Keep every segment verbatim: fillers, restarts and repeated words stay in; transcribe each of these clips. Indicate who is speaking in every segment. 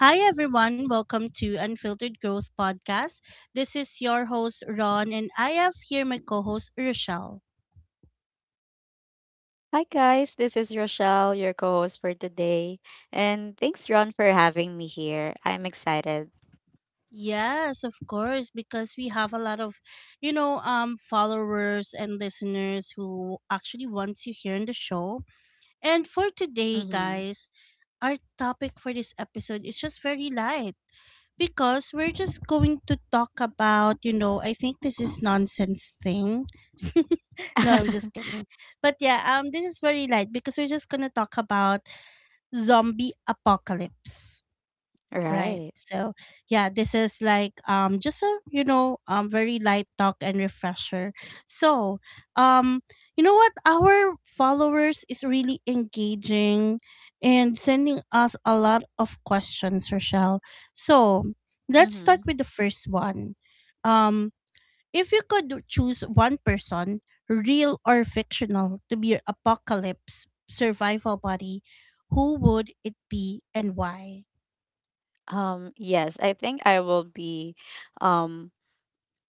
Speaker 1: Hi, everyone. Welcome to Unfiltered Growth Podcast. This is your host, Ron, and I have here my co host, Rochelle.
Speaker 2: Hi guys, this is Rochelle, your co-host for today. And thanks Ron for having me here. I'm excited.
Speaker 1: Yes, of course, because we have a lot of, you know, um, followers and listeners who actually want to hear on the show. And for today,
Speaker 2: Mhm.
Speaker 1: guys, our topic for this episode is just very light. Because we're just going to talk about you know I think this is nonsense thing. No, I'm just kidding. But yeah, um this is very light because we're just gonna talk about zombie apocalypse. Right.
Speaker 2: Right.
Speaker 1: So yeah, this is like um just a you know um very light talk and refresher. So um you know what, our followers is really engaging and sending us a lot of questions, Rochelle. So let's start
Speaker 2: Mhm.
Speaker 1: with the first one. Um if you could choose one person, real or fictional, to be your apocalypse survival buddy, who would it be and why?
Speaker 2: Um yes, I think I will be um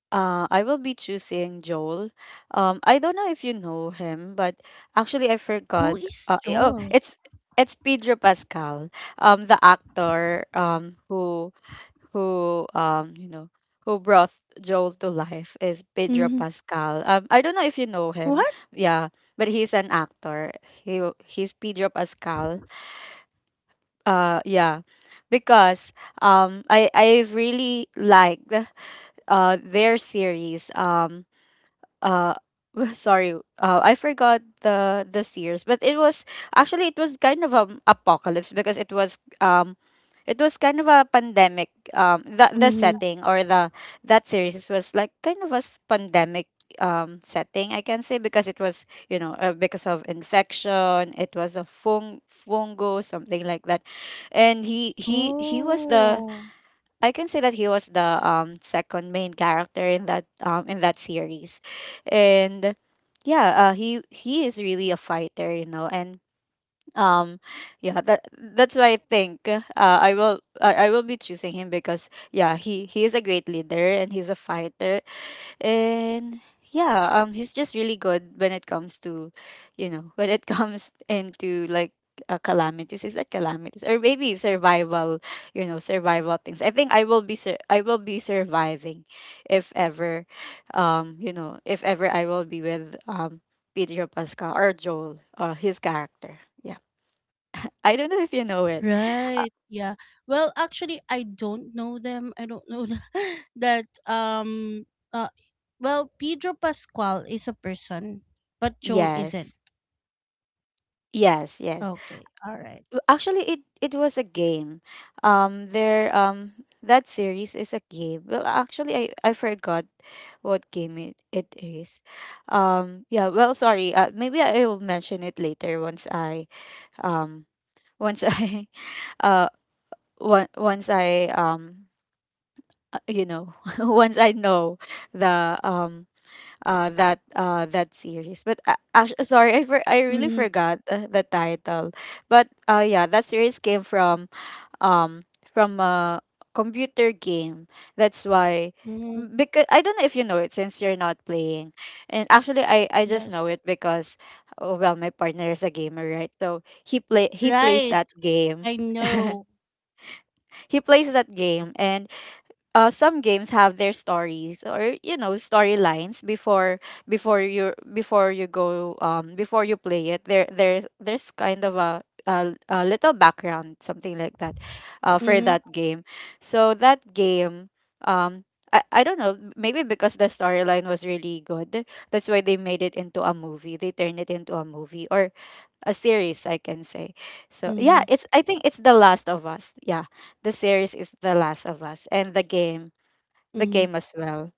Speaker 2: Uh, I will be choosing Joel. Um, I don't know if you know him, but actually I
Speaker 1: Who
Speaker 2: forgot.
Speaker 1: is
Speaker 2: Uh, eh, oh,
Speaker 1: Joel?
Speaker 2: it's it's Pedro Pascal, um, the actor, um, who who um, you know, who brought Joel to life is Pedro
Speaker 1: Mhm.
Speaker 2: Pascal. Um, I don't know if you know him.
Speaker 1: What?
Speaker 2: Yeah, but he's an actor. He he's Pedro Pascal. Uh, yeah, because um, I I really liked uh their series. Um uh sorry uh I forgot the the series, but it was actually, it was kind of an apocalypse because it was um it was kind of a pandemic, um the the
Speaker 1: Mhm.
Speaker 2: setting, or the that series was like kind of a s- pandemic um setting, I can say, because it was, you know, uh, because of infection. It was a fung fungo, something like that, and he he he was the
Speaker 1: Oh.
Speaker 2: I can say that he was the um second main character in that um in that series, and yeah, uh, he he is really a fighter, you know, and um yeah that that's why I think uh, I will I, I will be choosing him because yeah, he he is a great leader and he's a fighter, and yeah, um he's just really good when it comes to, you know, when it comes into like uh, calamities. Is that calamities, or maybe survival, you know, survival things. I think I will be sur- I will be surviving if ever, um you know, if ever I will be with um Pedro Pascal or Joel or his character. Yeah, I don't know if you know it.
Speaker 1: Right. Yeah. Well, actually, I don't know them. I don't know th- that. Um. Uh. Well, Pedro Pascal is a person, but Joel isn't.
Speaker 2: Yes, yes, yes.
Speaker 1: Okay. All right.
Speaker 2: Actually, it it was a game. Um there um That series is a game. Well, actually, i i forgot what game it, it is. Um yeah, well, sorry, uh, maybe I will mention it later, once I um once i uh one once I um uh, you know, once I know the um uh that uh that series. But uh, actu sorry, I for, i really
Speaker 1: Mm-hmm.
Speaker 2: forgot uh, the title. But uh yeah, that series came from um from a computer game. That's why,
Speaker 1: Mm-hmm.
Speaker 2: because I don't know if you know it, since you're not playing. And actually, I I just know
Speaker 1: Yes.
Speaker 2: it because, oh, well, my partner is a gamer, right? So he play he plays
Speaker 1: Right.
Speaker 2: that game.
Speaker 1: I know.
Speaker 2: He plays that game, and uh, some games have their stories, or you know, storylines. Before before you before you go um before you play it, there there there's kind of a a, a little background, something like that, uh, for
Speaker 1: Mm-hmm.
Speaker 2: that game. So that game um I, I don't know, maybe because the storyline was really good, that's why they made it into a movie. They turned it into a movie, or a series, I can say. So yeah,
Speaker 1: Mm-hmm.
Speaker 2: it's, I think it's The Last of Us. Yeah, the series is The Last of Us, and the game, the
Speaker 1: Mm-hmm.
Speaker 2: game as well.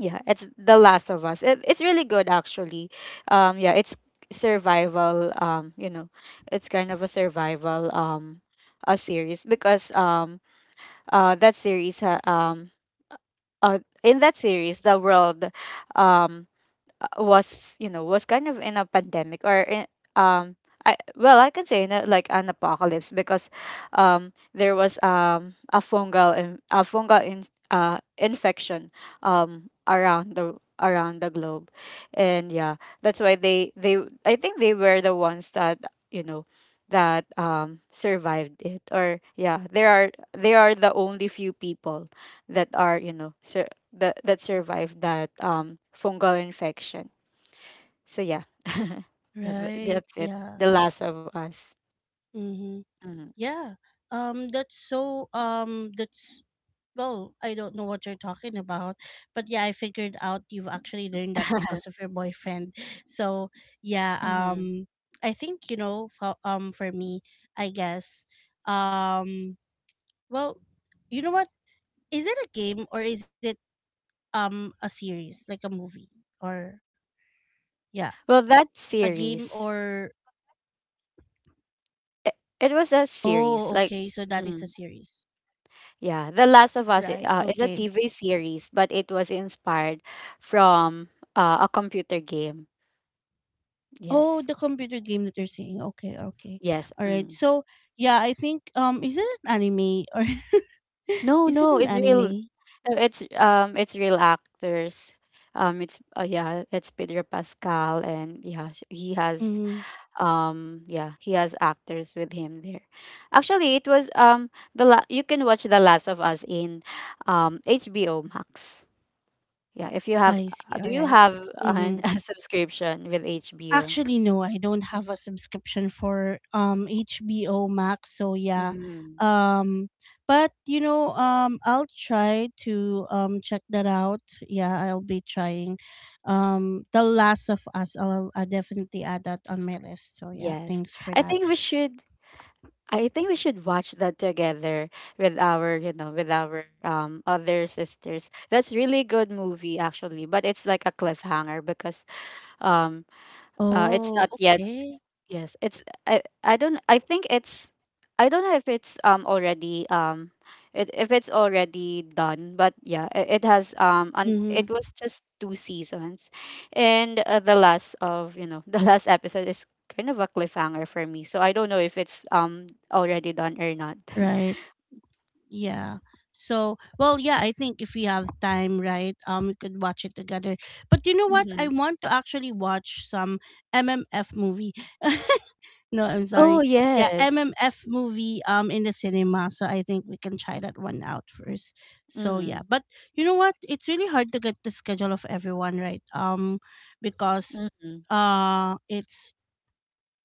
Speaker 2: Yeah, it's The Last of Us. It, it's really good, actually. Um yeah, it's survival, um you know, it's kind of a survival um a series, because um uh that series ha- um uh in that series the world um uh, was, you know, was kind of in a pandemic, or in, um I, well, I can say in a, like an apocalypse, because um there was um a fungal in, a fungal in, uh infection um around the around the globe. And yeah, that's why they they I think they were the ones that, you know, that um survived it. Or yeah, there are they are the only few people that are, you know, sur- that that survived that um fungal infection. So yeah, yeah, th-
Speaker 1: Right.
Speaker 2: that's it. The
Speaker 1: Yeah.
Speaker 2: Last of Us.
Speaker 1: Mm-hmm.
Speaker 2: Hmm.
Speaker 1: Yeah. Um that's so um that's, well, I don't know what you're talking about. But yeah, I figured out you've actually learned that because of your boyfriend. So, yeah,
Speaker 2: Hmm.
Speaker 1: um I think, you know, for, um for me, I guess um well, you know what? Is it a game or is it um a series, like a movie or yeah,
Speaker 2: Well, that
Speaker 1: a game
Speaker 2: series,
Speaker 1: or
Speaker 2: it, it was a
Speaker 1: oh,
Speaker 2: series like.
Speaker 1: okay, so that is a
Speaker 2: Mm.
Speaker 1: series.
Speaker 2: Yeah, The Last of Us i-
Speaker 1: Right.
Speaker 2: uh, is a
Speaker 1: Okay.
Speaker 2: T V series, but it was inspired from uh, a computer game.
Speaker 1: Oh,
Speaker 2: Yes,
Speaker 1: the computer game that you're saying. Okay, okay.
Speaker 2: yes.
Speaker 1: All right.
Speaker 2: Mm.
Speaker 1: So, yeah, I think um is it an anime or
Speaker 2: No,
Speaker 1: is it
Speaker 2: no,
Speaker 1: an
Speaker 2: it's real.
Speaker 1: anime?
Speaker 2: So it's, um it's real actors. Um it's uh, Yeah, it's Pedro Pascal, and yeah, sh- he has
Speaker 1: Mm,
Speaker 2: um yeah, he has actors with him there. Actually, it was, um the la- you can watch The Last of Us in um H B O Max. Yeah, if you have
Speaker 1: I see.
Speaker 2: uh,
Speaker 1: All
Speaker 2: do you
Speaker 1: right.
Speaker 2: have an,
Speaker 1: Mm-hmm.
Speaker 2: a subscription with H B O?
Speaker 1: Actually, no, I don't have a subscription for um H B O Max. So, yeah.
Speaker 2: Mm,
Speaker 1: Um but you know, um I'll try to um check that out. Yeah, I'll be trying um The Last of Us. I'll, I'll definitely add that on my list. So, yeah,
Speaker 2: yes.
Speaker 1: thanks for
Speaker 2: I
Speaker 1: that.
Speaker 2: think we should, I think we should watch that together with our, you know, with our um other sisters. That's really good movie, actually, but it's like a cliffhanger because um uh it's
Speaker 1: Oh,
Speaker 2: not yet.
Speaker 1: okay.
Speaker 2: Yes, it's, I I don't I think it's, I don't know if it's um already um it, if it's already done, but yeah, it, it has um and
Speaker 1: Mm-hmm.
Speaker 2: it was just two seasons, and uh, the last of, you know, the last episode is kind of a cliffhanger for me, so I don't know if it's um already done or not.
Speaker 1: Right. Yeah. So, well, yeah, I think if we have time, right, um, we could watch it together. But you know what?
Speaker 2: Mm-hmm.
Speaker 1: I want to actually watch some M M F movie. No, I'm
Speaker 2: Oh
Speaker 1: sorry. Yeah,
Speaker 2: yes.
Speaker 1: M M F movie um in the cinema, so I think we can try that one out first. So yeah,
Speaker 2: Mm-hmm.
Speaker 1: but you know what? It's really hard to get the schedule of everyone right. Um, because uh, it's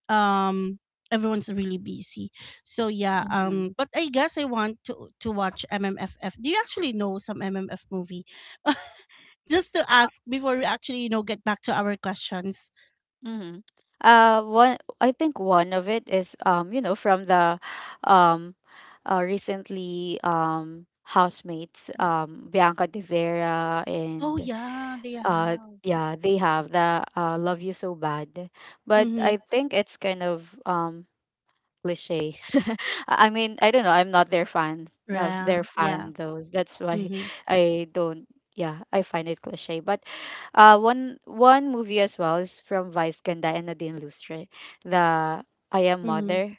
Speaker 1: um everyone's really busy. So yeah,
Speaker 2: Mm-hmm.
Speaker 1: um, but I guess I want to to watch M M F F. Do you actually know some M M F movie? Just to ask before we actually you know get back to our questions.
Speaker 2: Mm-hmm. Uh, one, I think one of it is, um, you know, from the um, uh, recently um housemates, um Bianca De Vera
Speaker 1: Oh
Speaker 2: and
Speaker 1: yeah, they
Speaker 2: uh
Speaker 1: have.
Speaker 2: yeah they have the uh, Love You So Bad, but
Speaker 1: Mm-hmm.
Speaker 2: I think it's kind of um cliche. I I mean, I don't know, I'm not their fan, of
Speaker 1: Yeah,
Speaker 2: their
Speaker 1: yeah.
Speaker 2: fan, those, that's why
Speaker 1: Mhm.
Speaker 2: I don't, yeah, I find it cliche but. Uh, one one movie as well is from Vice Ganda and Nadine Lustre, the I Am
Speaker 1: Mhm.
Speaker 2: Mother.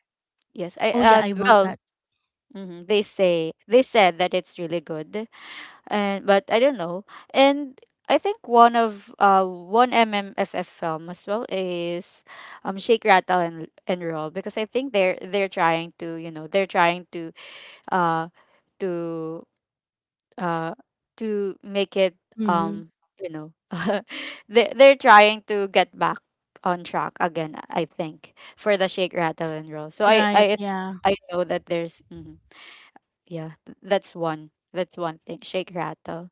Speaker 2: Yes, I
Speaker 1: Oh yeah,
Speaker 2: uh
Speaker 1: I want
Speaker 2: well,
Speaker 1: that.
Speaker 2: mhm, they say, they said that it's really good, and but I don't know. And I think one of uh one M M F F film as well is um Shake Rattle and and Roll, because I think they're they're trying to, you know, they're trying to uh to uh to make it
Speaker 1: Mhm.
Speaker 2: um you know they they're trying to get back on track again, I think, for the Shake Rattle and Roll. So I
Speaker 1: Right,
Speaker 2: I
Speaker 1: yeah.
Speaker 2: I know that there's mhm, yeah, th- that's one, that's one thing, Shake Rattle.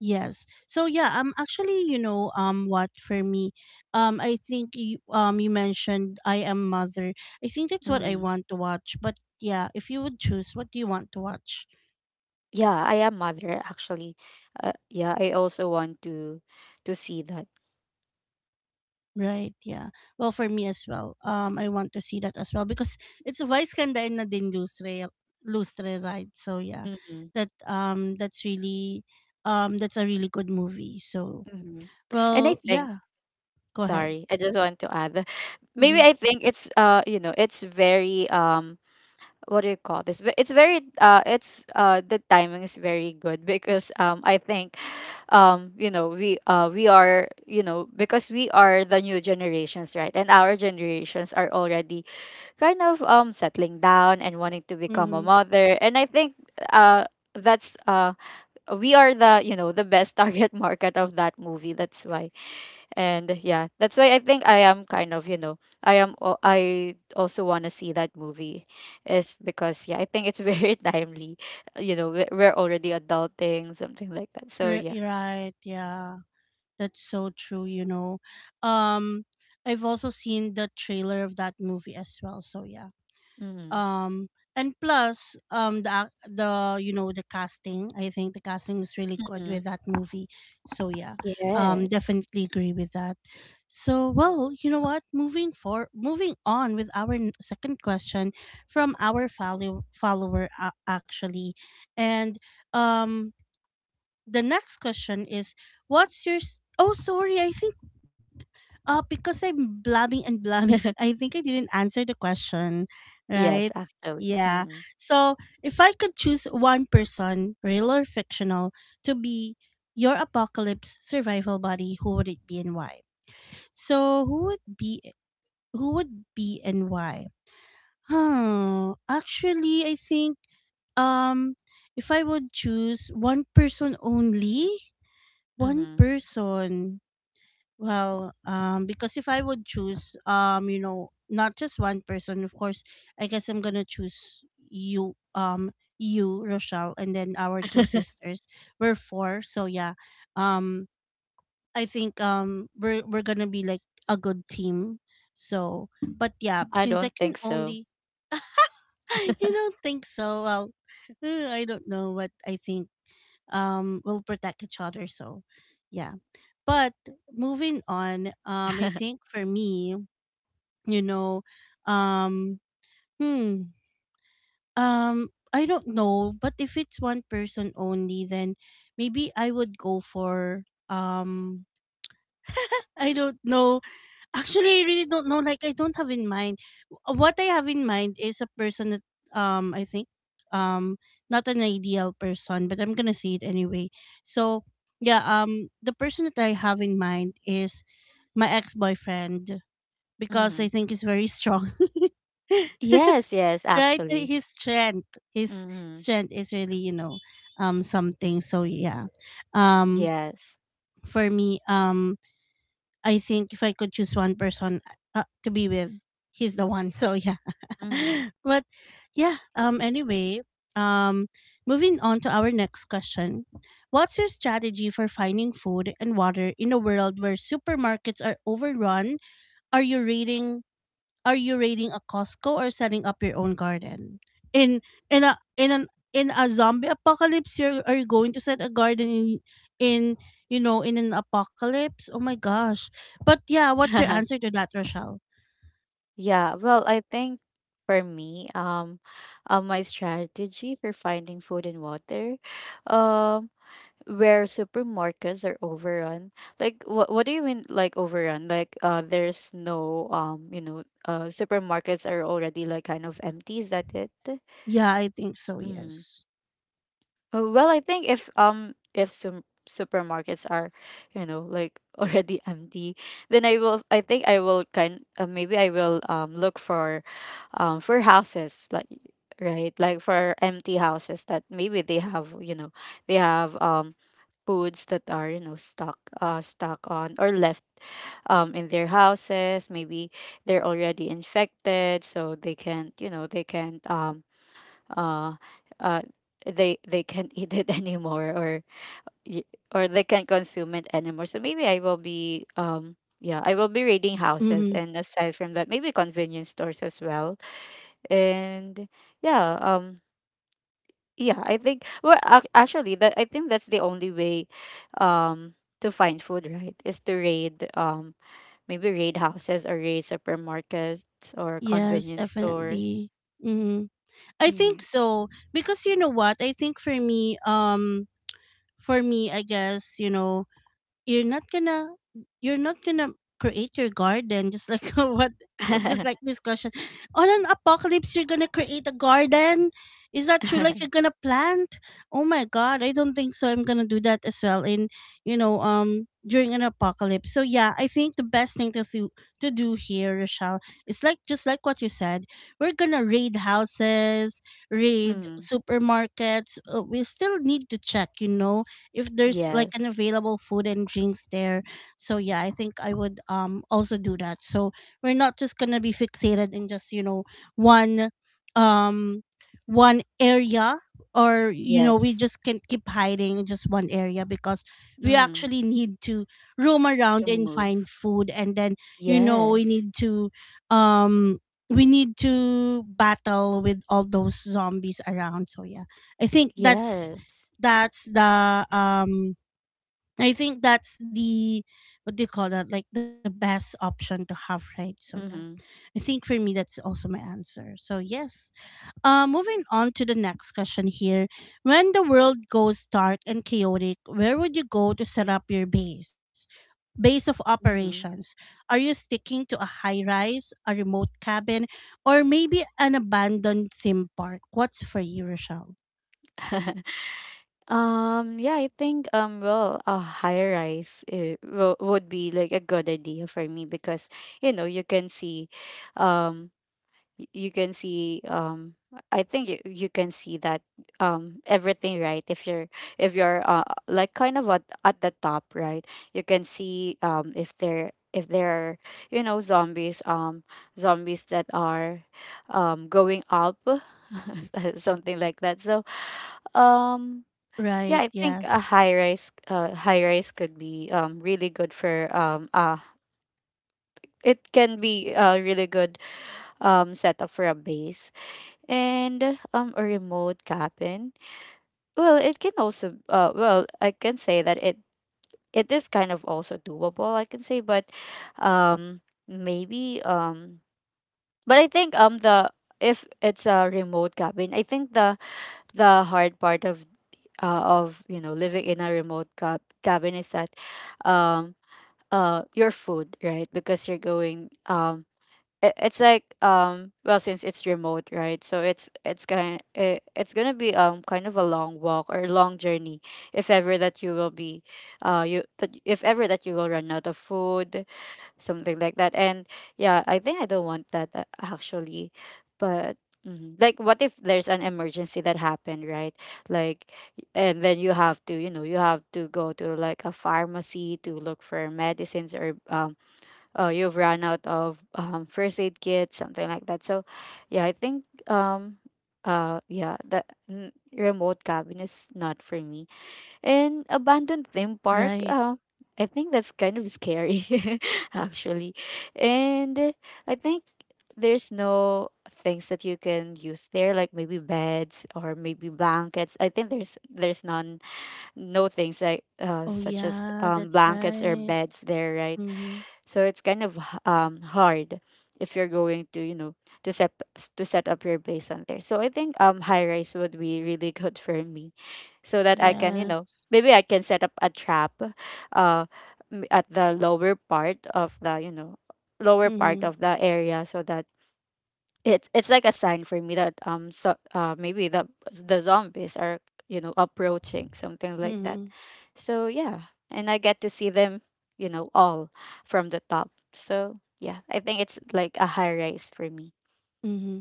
Speaker 1: Yes. So yeah, um actually, you know, um what for me, um I think you, um you mentioned I am mother. I think that's what I
Speaker 2: Mm.
Speaker 1: want to watch. But yeah, if you would choose, what do you want to watch?
Speaker 2: Yeah, I Am Mother, actually, uh, yeah, I also want to to see that.
Speaker 1: Right, yeah. Well, for me as well. Um I want to see that as well because it's a Vice Ganda and Nadine Lustre Lustre, right? So yeah.
Speaker 2: Mm-hmm,
Speaker 1: That um that's really um that's a really good movie. So
Speaker 2: mm-hmm. And I
Speaker 1: well,
Speaker 2: think,
Speaker 1: yeah, go ahead.
Speaker 2: sorry, I just want to add, maybe
Speaker 1: Mm-hmm.
Speaker 2: I think it's, uh you know, it's very um what do you call this? But it's very uh it's uh the timing is very good because um I think um you know, we uh we are, you know, because we are the new generations, right? And our generations are already kind of um settling down and wanting to become a
Speaker 1: Mm-hmm.
Speaker 2: mother. And I think uh that's uh we are, the you know, the best target market of that movie, that's why. And yeah, that's why I think I am kind of, you know, I am al- I also want to see that movie is because yeah, I think it's very timely. You know, we- we're already adulting, something like that. So
Speaker 1: Right,
Speaker 2: yeah.
Speaker 1: right. Yeah. That's so true, you know. Um I've also seen the trailer of that movie as well, so yeah.
Speaker 2: Mm-hmm.
Speaker 1: Um and plus um the ac- the you know the casting, I think the casting is really good
Speaker 2: Mm-hmm.
Speaker 1: with that movie. So yeah. Um
Speaker 2: Yes.
Speaker 1: definitely agree with that. So well, you know what? Moving for moving on with our n- second question from our follow- follower, uh, actually. And um the next question is what's your s- oh sorry I think uh because I'm blabbing and blabbing. I think I didn't answer the question, right?
Speaker 2: Yes, actually.
Speaker 1: Yeah.
Speaker 2: Mm-hmm.
Speaker 1: So if I could choose one person, real or fictional, to be your apocalypse survival buddy, who would it be and why? So who would be, who would be and why? Huh, actually I think um if I would choose one person only, one
Speaker 2: Mm-hmm.
Speaker 1: person. Well, um, because if I would choose, um, you know, not just one person, of course, I guess I'm gonna choose you, um, you, Rochelle, and then our two sisters. We're four, so yeah. Um, I think um, we're we're gonna be like a good team. So, but yeah,
Speaker 2: I
Speaker 1: since I
Speaker 2: don't
Speaker 1: can
Speaker 2: think so.
Speaker 1: only you don't think so. Well, uh, I don't know, but I think um we'll protect each other, so yeah. But moving on, um I think for me, you know, um hmm um I don't know, but if it's one person only, then maybe I would go for um I don't know. Actually, I really don't know. Like, I don't have in mind. Uh, What I have in mind is a person that, um, I think, um, not an ideal person, but I'm gonna say it anyway. So, yeah, um, the person that I have in mind is my ex-boyfriend because
Speaker 2: Mm-hmm.
Speaker 1: I think he's very strong.
Speaker 2: Yes, yes,
Speaker 1: Right?
Speaker 2: actually.
Speaker 1: His strength, his
Speaker 2: Mm-hmm.
Speaker 1: strength is really, you know, um, something. So yeah, um,
Speaker 2: Yes.
Speaker 1: for me, um, I think if I could choose one person uh, to be with, he's the one. So yeah,
Speaker 2: Mm-hmm.
Speaker 1: but yeah. Um. Anyway, um, moving on to our next question: What's your strategy for finding food and water in a world where supermarkets are overrun? Are you reading are you raiding a Costco or setting up your own garden? In in a in an in a zombie apocalypse, you're are you going to set a garden in in you know in an apocalypse? Oh my gosh! But yeah, what's your answer to that, Rochelle?
Speaker 2: Yeah, well, I think for me, um, uh, my strategy for finding food and water, um, where supermarkets are overrun. Like, what what do you mean, like overrun? Like, uh, there's no, um, you know, uh, supermarkets are already like kind of empty. Is that it?
Speaker 1: Yeah, I think so.
Speaker 2: Mm-hmm.
Speaker 1: Yes.
Speaker 2: Oh, well, I think if um if some supermarkets are, you know, like already empty, then I will. I think I will kind. Uh, maybe I will um look for, um for houses, like, right, like for empty houses that maybe they have, you know, they have um foods that are, you know, stuck uh stuck on or left um in their houses. Maybe they're already infected, so they can't, you know, they can't um uh uh they they can't eat it anymore, or y- or they can't consume it anymore. So maybe I will be um yeah, I will be raiding houses,
Speaker 1: Mm-hmm.
Speaker 2: and aside from that, maybe convenience stores as well. And yeah, um yeah, I think, well, ac- actually, that, I think that's the only way um to find food, right? Is to raid, um maybe raid houses or raid supermarkets or
Speaker 1: Yes,
Speaker 2: convenience stores.
Speaker 1: definitely. Mm-hmm. I think
Speaker 2: Mm.
Speaker 1: so because you know what? I think for me, um, for me, I guess, you know, you're not gonna you're not gonna create your garden just like what what- just like this question. On an apocalypse you're gonna create a garden? Is that true? Like you're gonna plant? Oh my god, I don't think so. I'm gonna do that as well in you know, um during an apocalypse. So yeah, I think the best thing to do to do here, Rochelle, is like just like what you said, we're gonna raid houses, raid
Speaker 2: Mm,
Speaker 1: supermarkets. Uh, we still need to check, you know, if there's like an
Speaker 2: yes.
Speaker 1: available food and drinks there. So yeah, I think I would um also do that. So we're not just gonna be fixated in just, you know, one um one area or you know we
Speaker 2: Yes.
Speaker 1: just can't keep hiding in just one area because we
Speaker 2: Mhm.
Speaker 1: actually need to roam
Speaker 2: To
Speaker 1: around and find
Speaker 2: move.
Speaker 1: food and then you know we
Speaker 2: Yes.
Speaker 1: need to um we need to battle with all those zombies around, so yeah, I think that's
Speaker 2: Yes.
Speaker 1: that's the um I think that's the what do you call that? Like the best option to have, right? So yeah.
Speaker 2: Mhm.
Speaker 1: I think for me that's also my answer. So yes. Uh, moving on to the next question here. When the world goes dark and chaotic, where would you go to set up your base? Base of
Speaker 2: Mhm.
Speaker 1: operations. Are you sticking to a high rise, a remote cabin, or maybe an abandoned theme park? What's for you, Rochelle?
Speaker 2: Um, yeah, I think um well, a high rise uh, wo- would be like a good idea for me because you know, you can see um y- you can see um i think you, you can see that um everything, right? If you're if you're uh like kind of at, at the top, right, you can see um if there if there are you know zombies um zombies that are um going up something like that. So um yeah,
Speaker 1: Right,
Speaker 2: I think a
Speaker 1: yes.
Speaker 2: high rise uh high rise could be um really good for um uh it can be a really good um setup for a base. And um a remote cabin, well, it can also uh well, I can say that it it is kind of also doable, I can say, but um maybe um but I think um the if it's a remote cabin, I think the the hard part of uh, of you know living in a remote cab- cabin is that um uh your food, right? Because you're going um it, it's like um well, since it's remote, right, so it's it's going it, it's going to be um kind of a long walk or long journey if ever that you will be uh you that if ever that you will run out of food, something like that. And yeah, I think I don't want that uh, actually. But mhm, like what if there's an emergency that happened, right? Like y- and then you have to you know you have to go to like a pharmacy to look for medicines or um uh, you've run out of um, first aid kit, something like that. So, yeah, I think um, uh, yeah, the n- remote cabin is not for me. And abandoned theme park,
Speaker 1: Right.
Speaker 2: uh, I think that's kind of scary, actually. And uh, I think there's no things that you can use there, like maybe beds or maybe blankets. I think there's there's none, no things like uh
Speaker 1: Oh
Speaker 2: such as
Speaker 1: yeah,
Speaker 2: um
Speaker 1: that's
Speaker 2: blankets or
Speaker 1: right.
Speaker 2: beds there, right?
Speaker 1: Mm-hmm.
Speaker 2: So it's kind of h- um hard if you're going to, you know, to set to set up your base on there. So I think um high rise would be really good for me so that I can, you know,
Speaker 1: Yes.
Speaker 2: maybe I can set up a trap uh m- at the lower part of the, you know, lower part
Speaker 1: Mm-hmm.
Speaker 2: of the area, so that it's it's like a sign for me that um so uh maybe the the zombies are you know approaching, something like that.
Speaker 1: Mm-hmm.
Speaker 2: So yeah, and I get to see them you know all from the top. So yeah, I think it's like a high rise for me.
Speaker 1: Mm-hmm.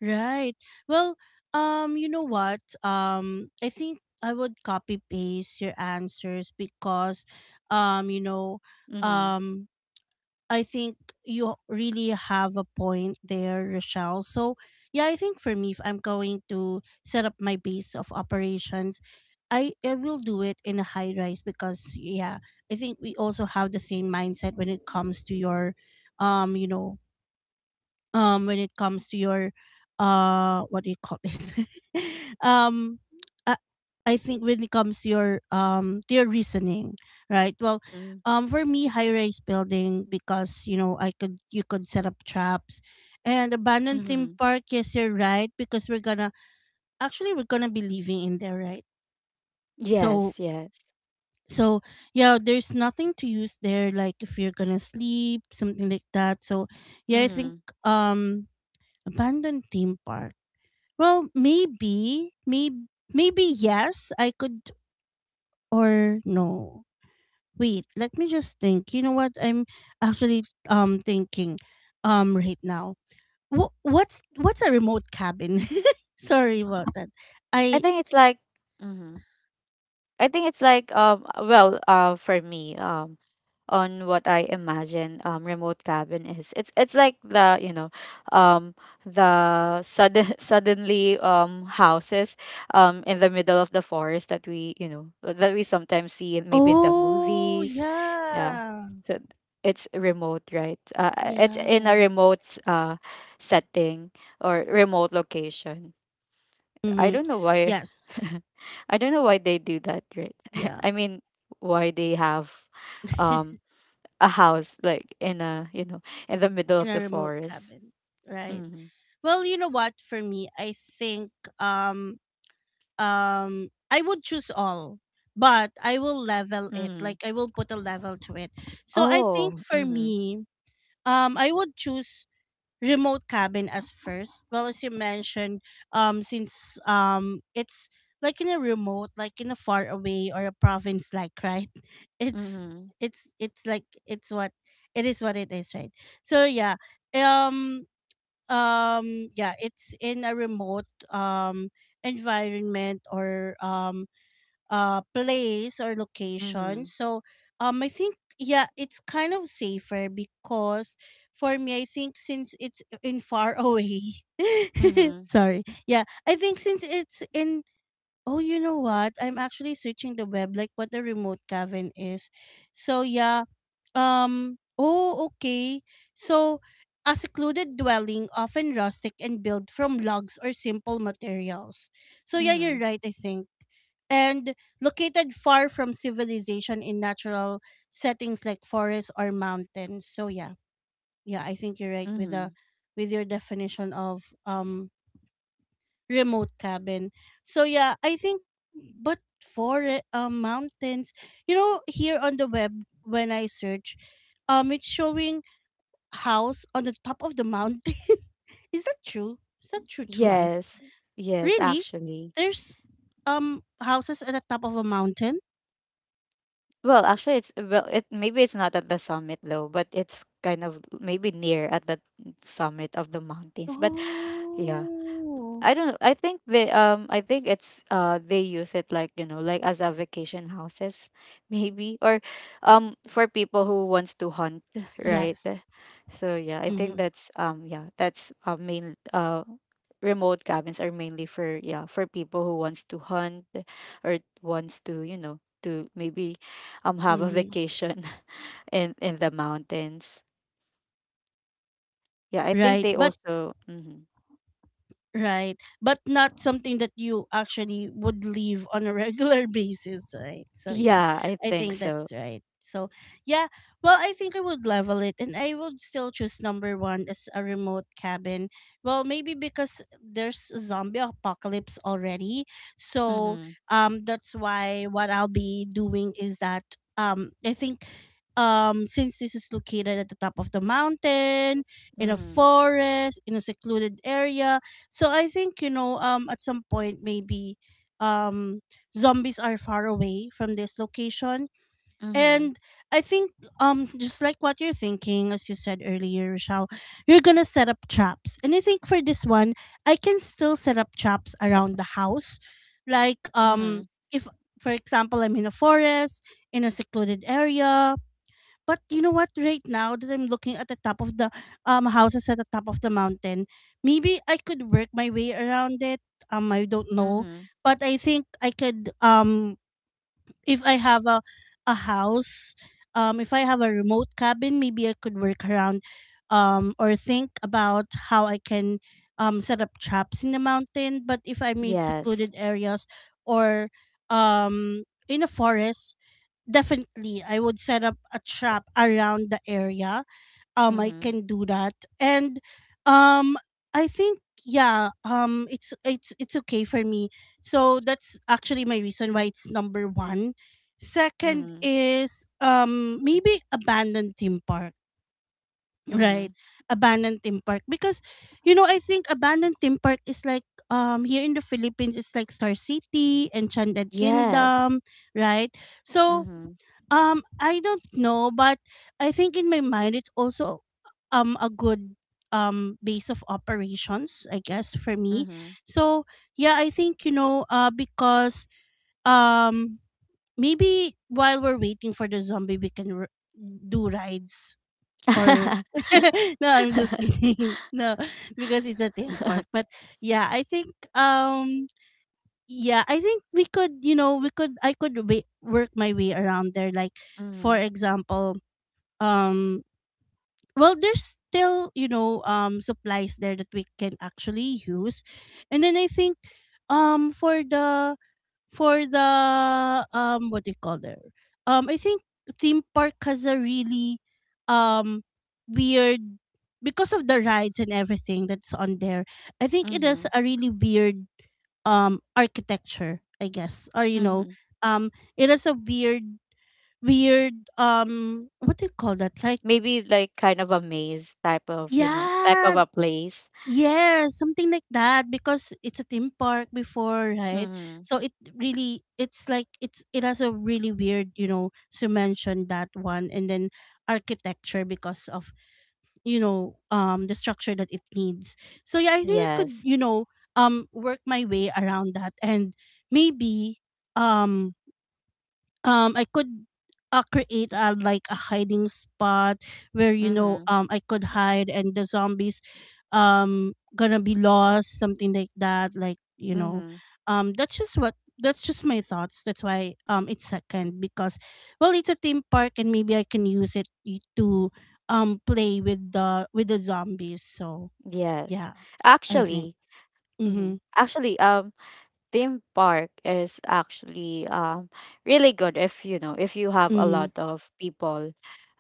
Speaker 1: Right. Well, um, you know what? Um, I think I would copy paste your answers because, um, you know,
Speaker 2: Mm-hmm.
Speaker 1: um, I think you really have a point there, Rochelle. So, yeah, I think for me, if I'm going to set up my base of operations, I, I will do it in a high rise because, yeah, I think we also have the same mindset when it comes to your, um, you know, um when it comes to your uh what do you call this? um I, I think when it comes to your um to your reasoning, right? Well, um for me, high rise building, because you know I could, you could set up traps. And abandoned
Speaker 2: Mm-hmm.
Speaker 1: theme park, yes, you're right, because we're gonna actually we're gonna be living in there, right?
Speaker 2: Yes,
Speaker 1: so
Speaker 2: yes.
Speaker 1: so yeah, there's nothing to use there, like if you're gonna sleep something like that. So yeah, I think
Speaker 2: Mm-hmm.
Speaker 1: um abandoned theme park, well, maybe, maybe, maybe yes, I could, or no. Wait, let me just think. You know what? I'm actually um thinking um right now. Wh- what's what's a remote cabin? Sorry about that.
Speaker 2: I
Speaker 1: I
Speaker 2: think it's like mm-hmm, I think it's like um well uh for me um on what I imagine um remote cabin is. It's it's like the you know um the sudden suddenly um houses um in the middle of the forest that we you know that we sometimes see in, maybe in the
Speaker 1: oh
Speaker 2: movies. Yeah.
Speaker 1: yeah
Speaker 2: So it's remote, right? Uh, it's in
Speaker 1: yeah
Speaker 2: a remote s- uh setting or remote location. I
Speaker 1: mm-hmm.
Speaker 2: don't know why
Speaker 1: Yes
Speaker 2: I don't know why they do that, right?
Speaker 1: yeah
Speaker 2: I mean, why they have um a house like in a you know in the middle
Speaker 1: in
Speaker 2: of
Speaker 1: a
Speaker 2: the
Speaker 1: remote
Speaker 2: forest.
Speaker 1: cabin, right.
Speaker 2: Mm-hmm.
Speaker 1: Well, you know what? For me, I think um um I would choose all, but I will level it.
Speaker 2: Mm-hmm.
Speaker 1: Like I will put a level to it. So I think
Speaker 2: Oh,
Speaker 1: for
Speaker 2: mm-hmm.
Speaker 1: me, um I would choose remote cabin as first. Well, as you mentioned, um since um it's like in a remote, like in a far away or a province like, right? It's
Speaker 2: Mm-hmm.
Speaker 1: it's it's like it's what it is what it is, right? So yeah. Um um yeah, it's in a remote um environment or um uh place or location.
Speaker 2: Mm-hmm.
Speaker 1: So um I think yeah, it's kind of safer because for me I think since it's in far away.
Speaker 2: Mm-hmm.
Speaker 1: Sorry, yeah, I think since it's in, oh you know what, I'm actually searching the web like what the remote cabin is. So yeah. Um, oh, okay. So, a secluded dwelling, often rustic and built from logs or simple materials. So, yeah, you're
Speaker 2: Mm-hmm.
Speaker 1: right, I think. And located far from civilization in natural settings like forests or mountains. So, yeah. Yeah, I think you're right with
Speaker 2: Mm-hmm.
Speaker 1: the with your definition of um remote cabin. So yeah, I think, but for um mountains, you know, here on the web when I search, um it's showing house on the top of the mountain. Is that true? Is that true to life?
Speaker 2: Yes, yes,
Speaker 1: Really?
Speaker 2: actually.
Speaker 1: There's um houses at the top of a mountain?
Speaker 2: Well, actually, it's well, it maybe it's not at the summit though, but it's kind of maybe near at the summit of the mountains, but yeah.
Speaker 1: Oh.
Speaker 2: I don't know. I think they um I think it's uh they use it like, you know, like as a vacation houses maybe, or um for people who wants to hunt, right?
Speaker 1: Yes.
Speaker 2: So yeah, I think
Speaker 1: Mhm.
Speaker 2: that's um yeah, that's uh, main uh remote cabins are mainly for, yeah, for people who wants to hunt or wants to, you know, to maybe um have a
Speaker 1: Mhm.
Speaker 2: vacation in in the mountains. Yeah, I think
Speaker 1: Right.
Speaker 2: they
Speaker 1: But
Speaker 2: also mhm.
Speaker 1: right, but not something that you actually would leave on a regular basis, right? So yeah,
Speaker 2: Yeah, I
Speaker 1: I
Speaker 2: think
Speaker 1: think that's
Speaker 2: so.
Speaker 1: right. So yeah, well, I think I would level it and I would still choose number one as a remote cabin. Well, maybe because there's a zombie apocalypse already. So
Speaker 2: Mhm.
Speaker 1: um that's why what I'll be doing is that um I think um since this is located at the top of the mountain in a
Speaker 2: Mhm.
Speaker 1: forest in a secluded area. So I think, you know, um at some point maybe um zombies are far away from this location.
Speaker 2: Mhm.
Speaker 1: And I think um just like what you're thinking as you said earlier, Rochelle, you're going to set up traps. And I think for this one I can still set up traps around the house, like um
Speaker 2: Mhm.
Speaker 1: if for example I'm in a forest in a secluded area. But you know what? Right now that I'm looking at the top of the um houses at the top of the mountain, maybe I could work my way around it. Um, I don't know,
Speaker 2: Mhm.
Speaker 1: but I think I could, um if I have a a house, um, if I have a remote cabin, maybe I could work around, um, or think about how I can um set up traps in the mountain. But if I'm in
Speaker 2: Yes.
Speaker 1: secluded areas or um in a forest, definitely I would set up a trap around the area. Um, I
Speaker 2: Mhm.
Speaker 1: can do that, and um, I think yeah, um, it's it's it's okay for me. So that's actually my reason why it's number one. Second
Speaker 2: Mhm.
Speaker 1: is um maybe abandoned theme park, right?
Speaker 2: Mhm.
Speaker 1: Abandoned theme park because you know, I think abandoned theme park is like um here in the Philippines, it's like Star City, Enchanted
Speaker 2: Yes.
Speaker 1: Kingdom, right? So
Speaker 2: Mhm.
Speaker 1: um, I don't know, but I think in my mind it's also um a good um base of operations, I guess, for me.
Speaker 2: Mhm.
Speaker 1: So yeah, I think you know, uh, because um maybe while we're waiting for the zombie, we can r- do rides or, no, I'm just kidding. No, because it's a theme park. But yeah, I think um yeah, I think we could, you know, we could, I could wa- work my way around there, like for
Speaker 2: Mhm.
Speaker 1: example, um well, there's still, you know, um supplies there that we can actually use. And then I think um for the for the um what do you call there? Um I think theme park has a really um weird, because of the rides and everything that's on there. I think it has
Speaker 2: Mhm.
Speaker 1: a really weird um architecture, I guess. Or you know,
Speaker 2: Mhm.
Speaker 1: um it has a weird weird um what do you call that? Like
Speaker 2: Maybe like kind of a maze type of, you know, type of
Speaker 1: yeah,
Speaker 2: a place.
Speaker 1: yes, something like that because it's a theme park before, right?
Speaker 2: Mhm.
Speaker 1: So it, really it's like it's, it has a really weird, you know, so mention that one, and then architecture because of, you know, um the structure that it needs. So yeah, I think I could,
Speaker 2: Yes.
Speaker 1: you know, um work my way around that and maybe um um I could, uh, create a like a hiding spot where you know,
Speaker 2: Mhm.
Speaker 1: um I could hide and the zombies um gonna be lost, something like that, like, you know,
Speaker 2: Mhm.
Speaker 1: um that's just what, that's just my thoughts. That's why um it's second, because well, it's a theme park and maybe I can use it y- to um play with the with the zombies. So
Speaker 2: Yes.
Speaker 1: yeah, I think.
Speaker 2: Actually, mhm,
Speaker 1: Mhm.
Speaker 2: actually, Um. theme park is actually um really good if you know if you have a
Speaker 1: Mhm.
Speaker 2: lot of people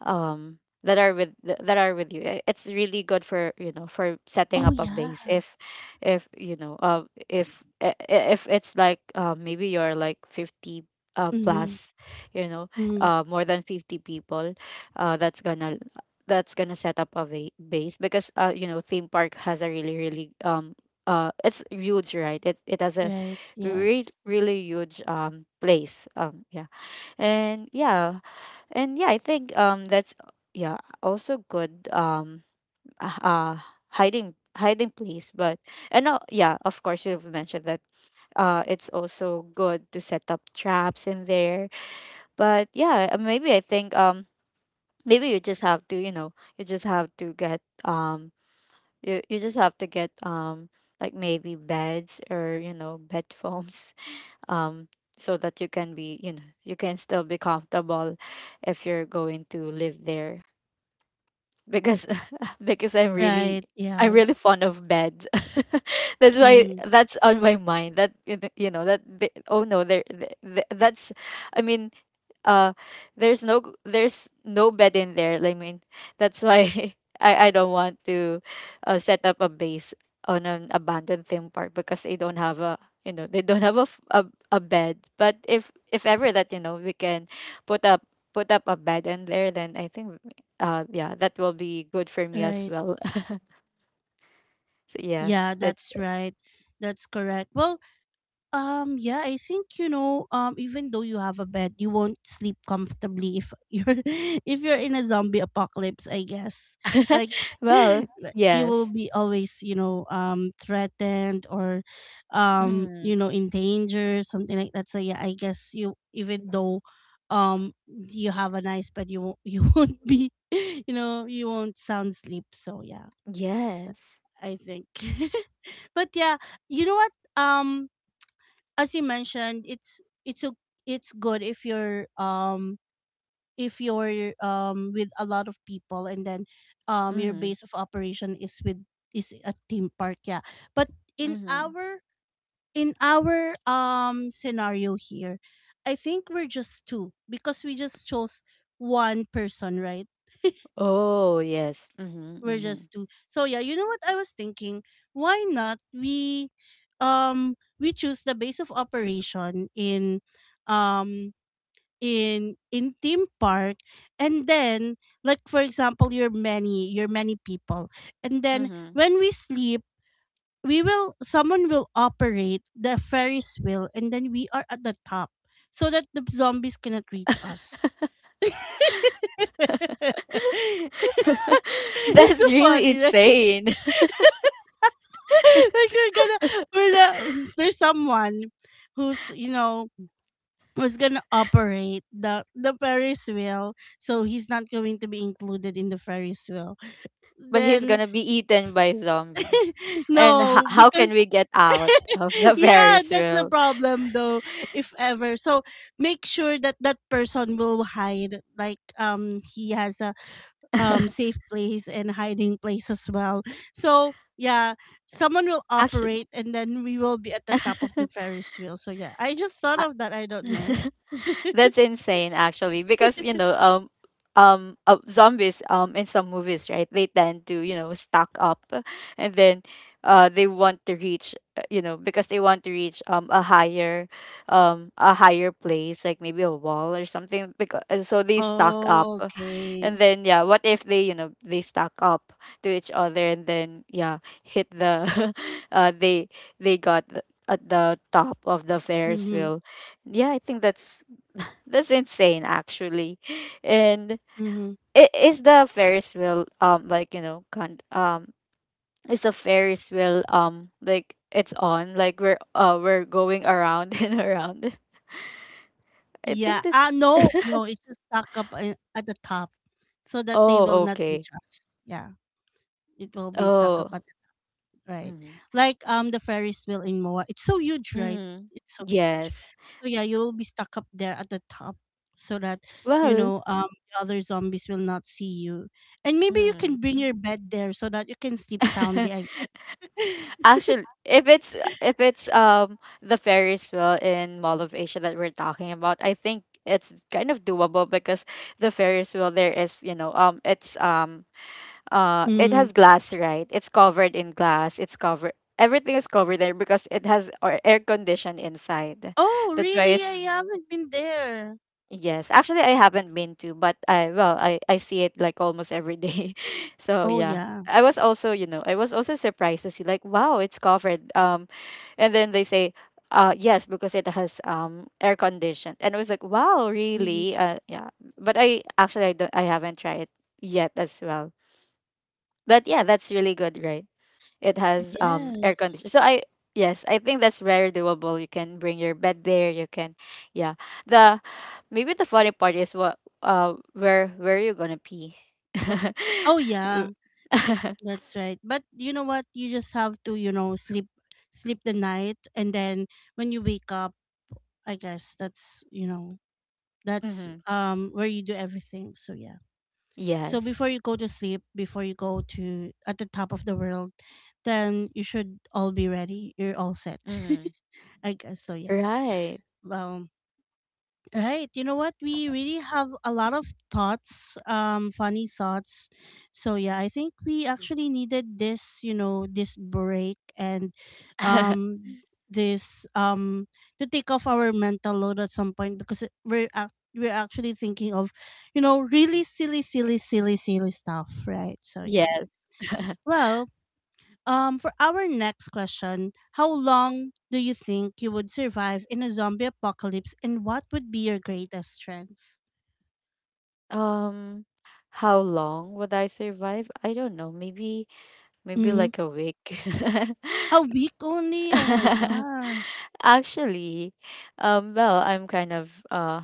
Speaker 2: um that are with th- that are with you. I- it's really good for you know for setting
Speaker 1: Oh
Speaker 2: up a
Speaker 1: yeah.
Speaker 2: base if if you know uh if i- i- if it's like uh, maybe you're like fifty uh
Speaker 1: Mhm.
Speaker 2: plus, you know,
Speaker 1: Mhm.
Speaker 2: uh more than fifty people uh that's gonna that's gonna set up a va- base, because uh you know theme park has a really really um uh it's huge, right? it it has a
Speaker 1: Right,
Speaker 2: really
Speaker 1: yes.
Speaker 2: really huge um place, um yeah. And yeah, and yeah, I think um that's uh, yeah, also good um uh uh, hiding hiding place. But and uh, yeah, of course you've mentioned that uh it's also good to set up traps in there. But yeah, uh, maybe I think um maybe you just have to you know you just have to get um you, you just have to get um like maybe beds or you know bed foams, um so that you can be you know you can still be comfortable if you're going to live there. Because because I'm really
Speaker 1: Right,
Speaker 2: i'm really
Speaker 1: yes.
Speaker 2: fond of bed. That's why
Speaker 1: Mm,
Speaker 2: that's on my mind that you know you know, that the- oh no there the- the- that's, I mean uh there's no there's no bed in there, I mean, that's why. i i don't want to uh, set up a base on an abandoned theme park because they don't have a you know they don't have a, f- a, a bed. But if if ever that you know we can put up put up a bed in there, then I think uh yeah, that will be good for me as
Speaker 1: right.
Speaker 2: well. So yeah,
Speaker 1: Yeah,
Speaker 2: that's
Speaker 1: that's
Speaker 2: it.
Speaker 1: right. That's correct. Well, um, yeah, I think you know, um, even though you have a bed, you won't sleep comfortably if you're, if you're in a zombie apocalypse, I guess, like,
Speaker 2: Well,
Speaker 1: like, you will
Speaker 2: yes.
Speaker 1: be always, you know, um, threatened or, um,
Speaker 2: Mm,
Speaker 1: you know, in danger, something like that. So yeah, I guess you, even though, um, you have a nice bed, you won't, you won't be, you know, you won't sound sleep. So yeah.
Speaker 2: yes.
Speaker 1: I think. But yeah, you know what? Um, as you mentioned, it's it's o- it's good if you're um if you're um with a lot of people, and then um your
Speaker 2: Mm,
Speaker 1: base of operation is with is a theme park. Yeah, but in
Speaker 2: mm-hmm.
Speaker 1: our in our um scenario here, I think we're just two, because we just chose one person, right?
Speaker 2: Oh, yes. Mhm,
Speaker 1: We're
Speaker 2: mhm.
Speaker 1: just two. So yeah, you know what I was thinking? Why not we um we choose the base of operation in um in in theme park, and then like for example, you're many you're many people and then
Speaker 2: Mhm.
Speaker 1: when we sleep, we will someone will operate the ferris wheel and then we are at the top so that the zombies cannot reach us. It's so
Speaker 2: That's really
Speaker 1: funny, right?
Speaker 2: insane.
Speaker 1: Like we're gonna, we're the, there's someone who's, you know, who's gonna operate the the Ferris wheel, so he's not going to be included in the Ferris wheel.
Speaker 2: But he's
Speaker 1: Then
Speaker 2: gonna be eaten by zombies. And ho-
Speaker 1: no,
Speaker 2: how can
Speaker 1: because
Speaker 2: we get out of the
Speaker 1: yeah,
Speaker 2: Ferris
Speaker 1: that's the
Speaker 2: wheel?
Speaker 1: problem though. If ever, so make sure that that person will hide, like um he has a um safe place and hiding place as well. So yeah, someone will
Speaker 2: Actually.
Speaker 1: operate and then we will be at the top of the Ferris wheel. So yeah, I just thought of that. I don't know.
Speaker 2: That's insane, actually, because you know um um uh, zombies um in some movies, right, they tend to you know stock up, and then uh they want to reach uh, you know because they want to reach um a higher um a higher place, like maybe a wall or something, because so they stock up
Speaker 1: Oh,
Speaker 2: and
Speaker 1: okay.
Speaker 2: then yeah, what if they you know they stock up to each other, and then yeah hit the uh they they got the, at the top of the Ferris
Speaker 1: Mm-hmm.
Speaker 2: wheel. Yeah, I think that's that's insane, actually. And
Speaker 1: Mm-hmm.
Speaker 2: it is the Ferris wheel um like you know con- um it's a Ferris wheel um like it's on like we're uh we're going around and around. I think
Speaker 1: Yeah. Ah,
Speaker 2: that's
Speaker 1: no, no, it's just stuck up a- at the top so that they will
Speaker 2: oh
Speaker 1: not
Speaker 2: okay,
Speaker 1: reach us. Yeah. It will be stuck up
Speaker 2: oh
Speaker 1: at the right.
Speaker 2: mm-hmm.
Speaker 1: Like um the Ferris wheel in Moa. It's so huge, right?
Speaker 2: Mm-hmm.
Speaker 1: It's so huge.
Speaker 2: Yes.
Speaker 1: So yeah, you will be stuck up there at the top so that you
Speaker 2: Well,
Speaker 1: know, um the other zombies will not see you. And maybe you
Speaker 2: mm-hmm.
Speaker 1: can bring your bed there so that you can sleep soundly, I guess.
Speaker 2: Actually, if it's if it's um the Ferris wheel in Mall of Asia that we're talking about, I think it's kind of doable because the Ferris wheel there is, you know, um it's um uh it
Speaker 1: Mm.
Speaker 2: has glass, right? It's covered in glass. It's covered everything is covered there because it has or air condition inside.
Speaker 1: Oh,
Speaker 2: That's why
Speaker 1: really?
Speaker 2: it's
Speaker 1: I haven't been there.
Speaker 2: yes, actually, I haven't been to, but I well, I I see it like almost every day. So
Speaker 1: Oh,
Speaker 2: yeah,
Speaker 1: yeah.
Speaker 2: I was also you know I was also surprised to see like wow, it's covered. Um, and then they say, uh, yes, because it has um air conditioned, and I was like wow,
Speaker 1: Mhm.
Speaker 2: really? Uh, yeah, but I actually I don't I haven't tried it yet as well. But yeah, that's really good, right? It has um air
Speaker 1: Yes.
Speaker 2: conditioner. So I yes, I think that's very doable. You can bring your bed there. You can, yeah. The maybe the funny part is what uh where where are you gonna pee?
Speaker 1: Oh, yeah. That's right. But you know what? You just have to, you know, sleep sleep the night and then when you wake up, I guess that's, you know, that's
Speaker 2: Mm-hmm.
Speaker 1: um where you do everything. So, yeah. So before
Speaker 2: Yes.
Speaker 1: you go to sleep, before you go to at the top of the world, then you should all be ready. You're all set.
Speaker 2: Mm-hmm.
Speaker 1: I guess so, yeah.
Speaker 2: Right.
Speaker 1: Um, right. You know what? We really have a lot of thoughts, um, funny thoughts. So yeah, I think we actually needed this, you know, this break and um this um to take off our mental load at some point because it- we're ac- we're actually thinking of, you know, really silly, silly, silly, silly stuff, right? So yeah.
Speaker 2: Yeah.
Speaker 1: Well, um, for our next question, how long do you think you would survive in a zombie apocalypse, and what would be your greatest strength?
Speaker 2: Um. How long would I survive? I don't know. Maybe maybe
Speaker 1: Mm-hmm.
Speaker 2: like a week.
Speaker 1: A week only? Oh my gosh.
Speaker 2: Actually, um, well, I'm kind of uh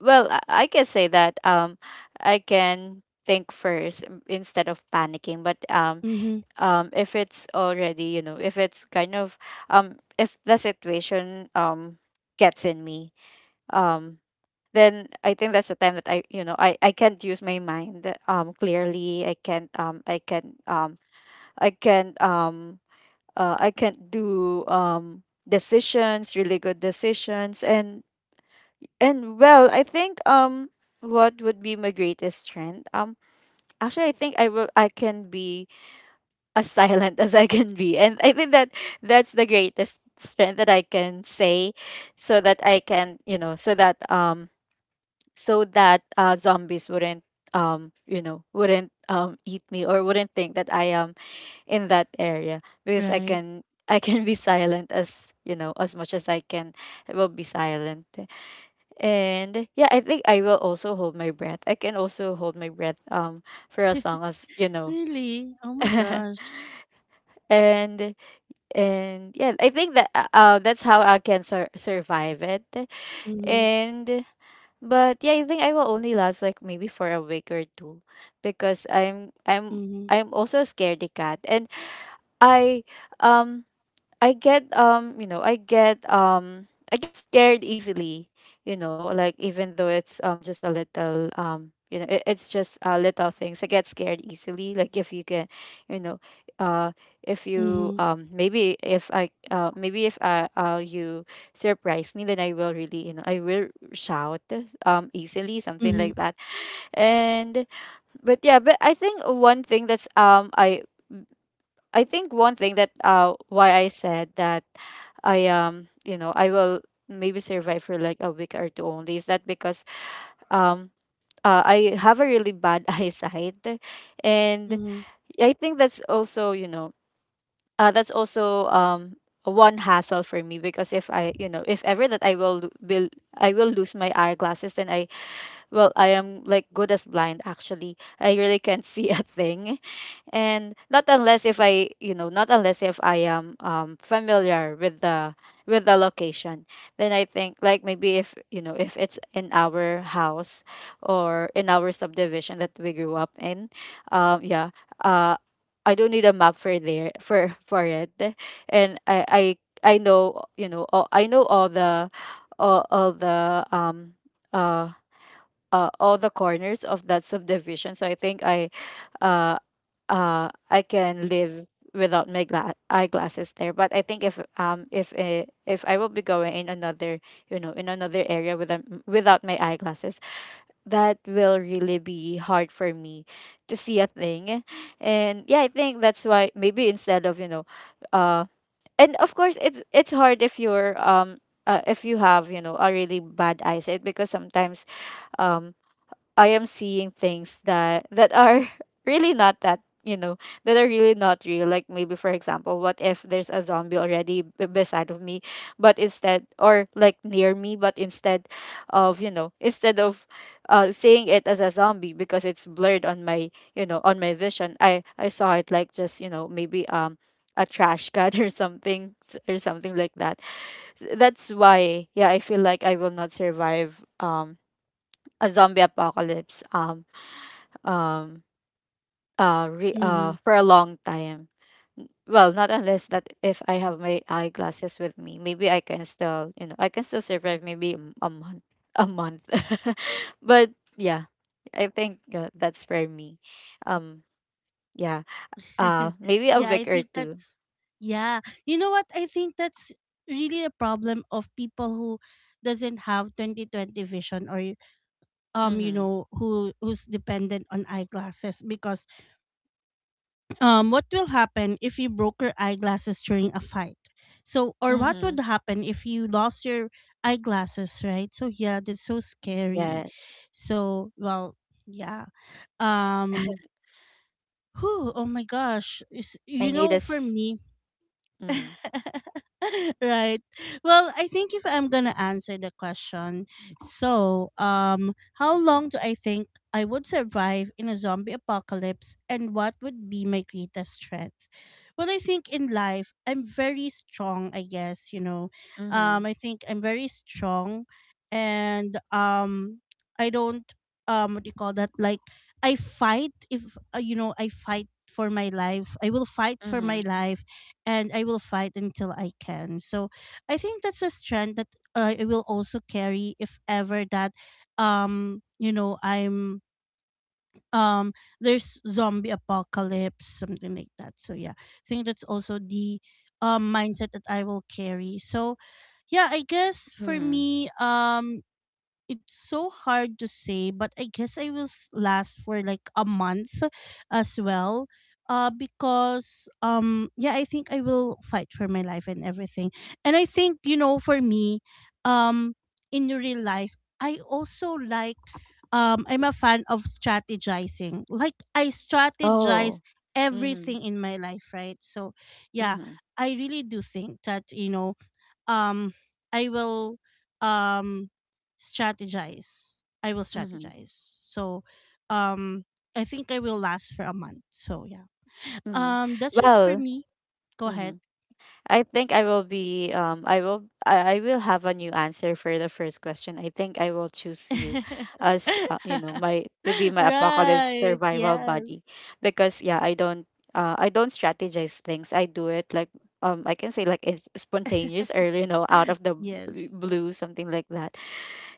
Speaker 2: well, I I can say that um I can think first in- instead of panicking, but um
Speaker 1: Mm-hmm.
Speaker 2: um if it's already, you know, if it's kind of um if the situation um gets in me, um then I think that's the time that I, you know, I I can't use my mind um clearly. I can't um I can um I can um uh I can't do um decisions, really good decisions. and and well, I think um what would be my greatest strength? Um actually I think I will I can be as silent as I can be. And I think that that's the greatest strength that I can say, so that I can, you know, so that um so that uh zombies wouldn't um you know wouldn't um eat me or wouldn't think that I am in that area, because I
Speaker 1: Right.
Speaker 2: can I can be silent as you know as much as I can. I will be silent, and yeah, I think I will also hold my breath. I can also hold my breath um for as long as, you know.
Speaker 1: Really? Oh my gosh.
Speaker 2: and and yeah, I think that uh uh, that's how I can sur- survive it.
Speaker 1: Mm-hmm.
Speaker 2: And But yeah, I think I will only last like maybe for a week or two, because I'm I'm
Speaker 1: Mm-hmm.
Speaker 2: I'm also a scaredy cat. And I, um I get, um you know I get, um I get scared easily. You know like, even though it's um just a little, um you know it, it's just, uh, little things. I get scared easily, like if you can, you know uh if you,
Speaker 1: Mm-hmm.
Speaker 2: um maybe if I uh maybe if I, uh you surprise me, then I will really, you know I will shout, um easily, something like
Speaker 1: Mm-hmm.
Speaker 2: that. And But yeah, but I think, one thing that's um I I think one thing, that uh why I said that, I, um you know I will maybe survive for like a week or two only, is that because, um uh, I have a really bad eyesight. And
Speaker 1: Mm-hmm.
Speaker 2: I think that's also, you know uh, that's also, um one hassle for me, because if I, you know if ever that I will lo- will I will lose my eyeglasses, then I— well, I am, like, good as blind, actually. I really can't see a thing. And not unless if I, you know not unless if I am, um familiar with the, with the location. Then I think, like, maybe, if, you know if it's in our house, or in our subdivision that we grew up in. Um yeah. uh I don't need a map for there, for for it. And i i i know, you know all, I know all the, all, all the um uh uh, all the corners of that subdivision. So I think I, uh uh I can live without my gla- eyeglasses there. But I think, if, um if uh, if I will be going in another, you know in another area with a, without my eyeglasses, that will really be hard for me to see a thing. And yeah, I think that's why, maybe, instead of, you know, uh, and of course, it's it's hard if you're, um. Uh, if you have, you know a really bad eyesight, because sometimes, um I am seeing things that that are really not, that you know that are really not real. Like, maybe for example, what if there's a zombie already b- beside of me, but instead, or like near me, but instead of, you know instead of uh seeing it as a zombie, because it's blurred on my, you know on my vision. I i saw it like, just, you know maybe, um a trash can or something, s- or something like that. S- that's why, yeah, I feel like I will not survive, um a zombie apocalypse, um um uh, re-
Speaker 1: Mm-hmm.
Speaker 2: uh for a long time. N- well, not unless that if I have my eyeglasses with me, maybe I can still, you know I can still survive maybe, m- a month, a month. But yeah, I think, uh, that's for me. um yeah. Uh maybe a
Speaker 1: Yeah, I
Speaker 2: week or
Speaker 1: think
Speaker 2: two.
Speaker 1: that's. Yeah, you know what? I think that's really a problem of people who doesn't have twenty twenty vision or um you
Speaker 2: Mhm.
Speaker 1: know, who who's dependent on eyeglasses, because um what will happen if you broke your eyeglasses during a fight, so, or what would
Speaker 2: Mhm.
Speaker 1: happen if you lost your eyeglasses, right? So yeah, that's so scary.
Speaker 2: Yes.
Speaker 1: So well, yeah, um, whew, oh my gosh. Is-
Speaker 2: I
Speaker 1: you
Speaker 2: need
Speaker 1: know, for
Speaker 2: this.
Speaker 1: me
Speaker 2: Mhm.
Speaker 1: right. Well, I think if I'm gonna answer the question, so um, how long do I think I would survive in a zombie apocalypse, and what would be my greatest strength? Well, I think in life I'm very strong. I guess you know, um,
Speaker 2: Mhm.
Speaker 1: I think I'm very strong, and um, I don't um, what do you call that? Like I fight if uh, you know I fight for my life. I will fight for my
Speaker 2: Mhm.
Speaker 1: life and I will fight until I can. So I think that's a strength that uh, I will also carry if ever that um you know I'm um there's zombie apocalypse something like that. So yeah, I think that's also the um mindset that I will carry. So yeah, I guess for
Speaker 2: Mhm.
Speaker 1: me um it's so hard to say, but I guess I will s- last for like a month as well. Uh, because um, yeah, I think I will fight for my life and everything. And I think you know, for me, um, in real life, I also like um, I'm a fan of strategizing. Like I strategize
Speaker 2: Oh. Mhm.
Speaker 1: everything in my life, right? So yeah,
Speaker 2: Mhm.
Speaker 1: I really do think that you know um I will um strategize. I will
Speaker 2: Mhm.
Speaker 1: strategize. So um I think I will last for a month. So yeah.
Speaker 2: Mhm.
Speaker 1: Um that's just for
Speaker 2: Well.
Speaker 1: me. Go ahead.
Speaker 2: Mhm. I think I will be, um I will I, I will have a new answer for the first question. I think I will choose you as, uh, you know my to be my apocalypse
Speaker 1: Right.
Speaker 2: survival buddy,
Speaker 1: Yes.
Speaker 2: because, yeah, I don't uh I don't strategize things. I do it like, um I can say, like, it's spontaneous, or, you know out of the b-
Speaker 1: Yes.
Speaker 2: blue, something like that.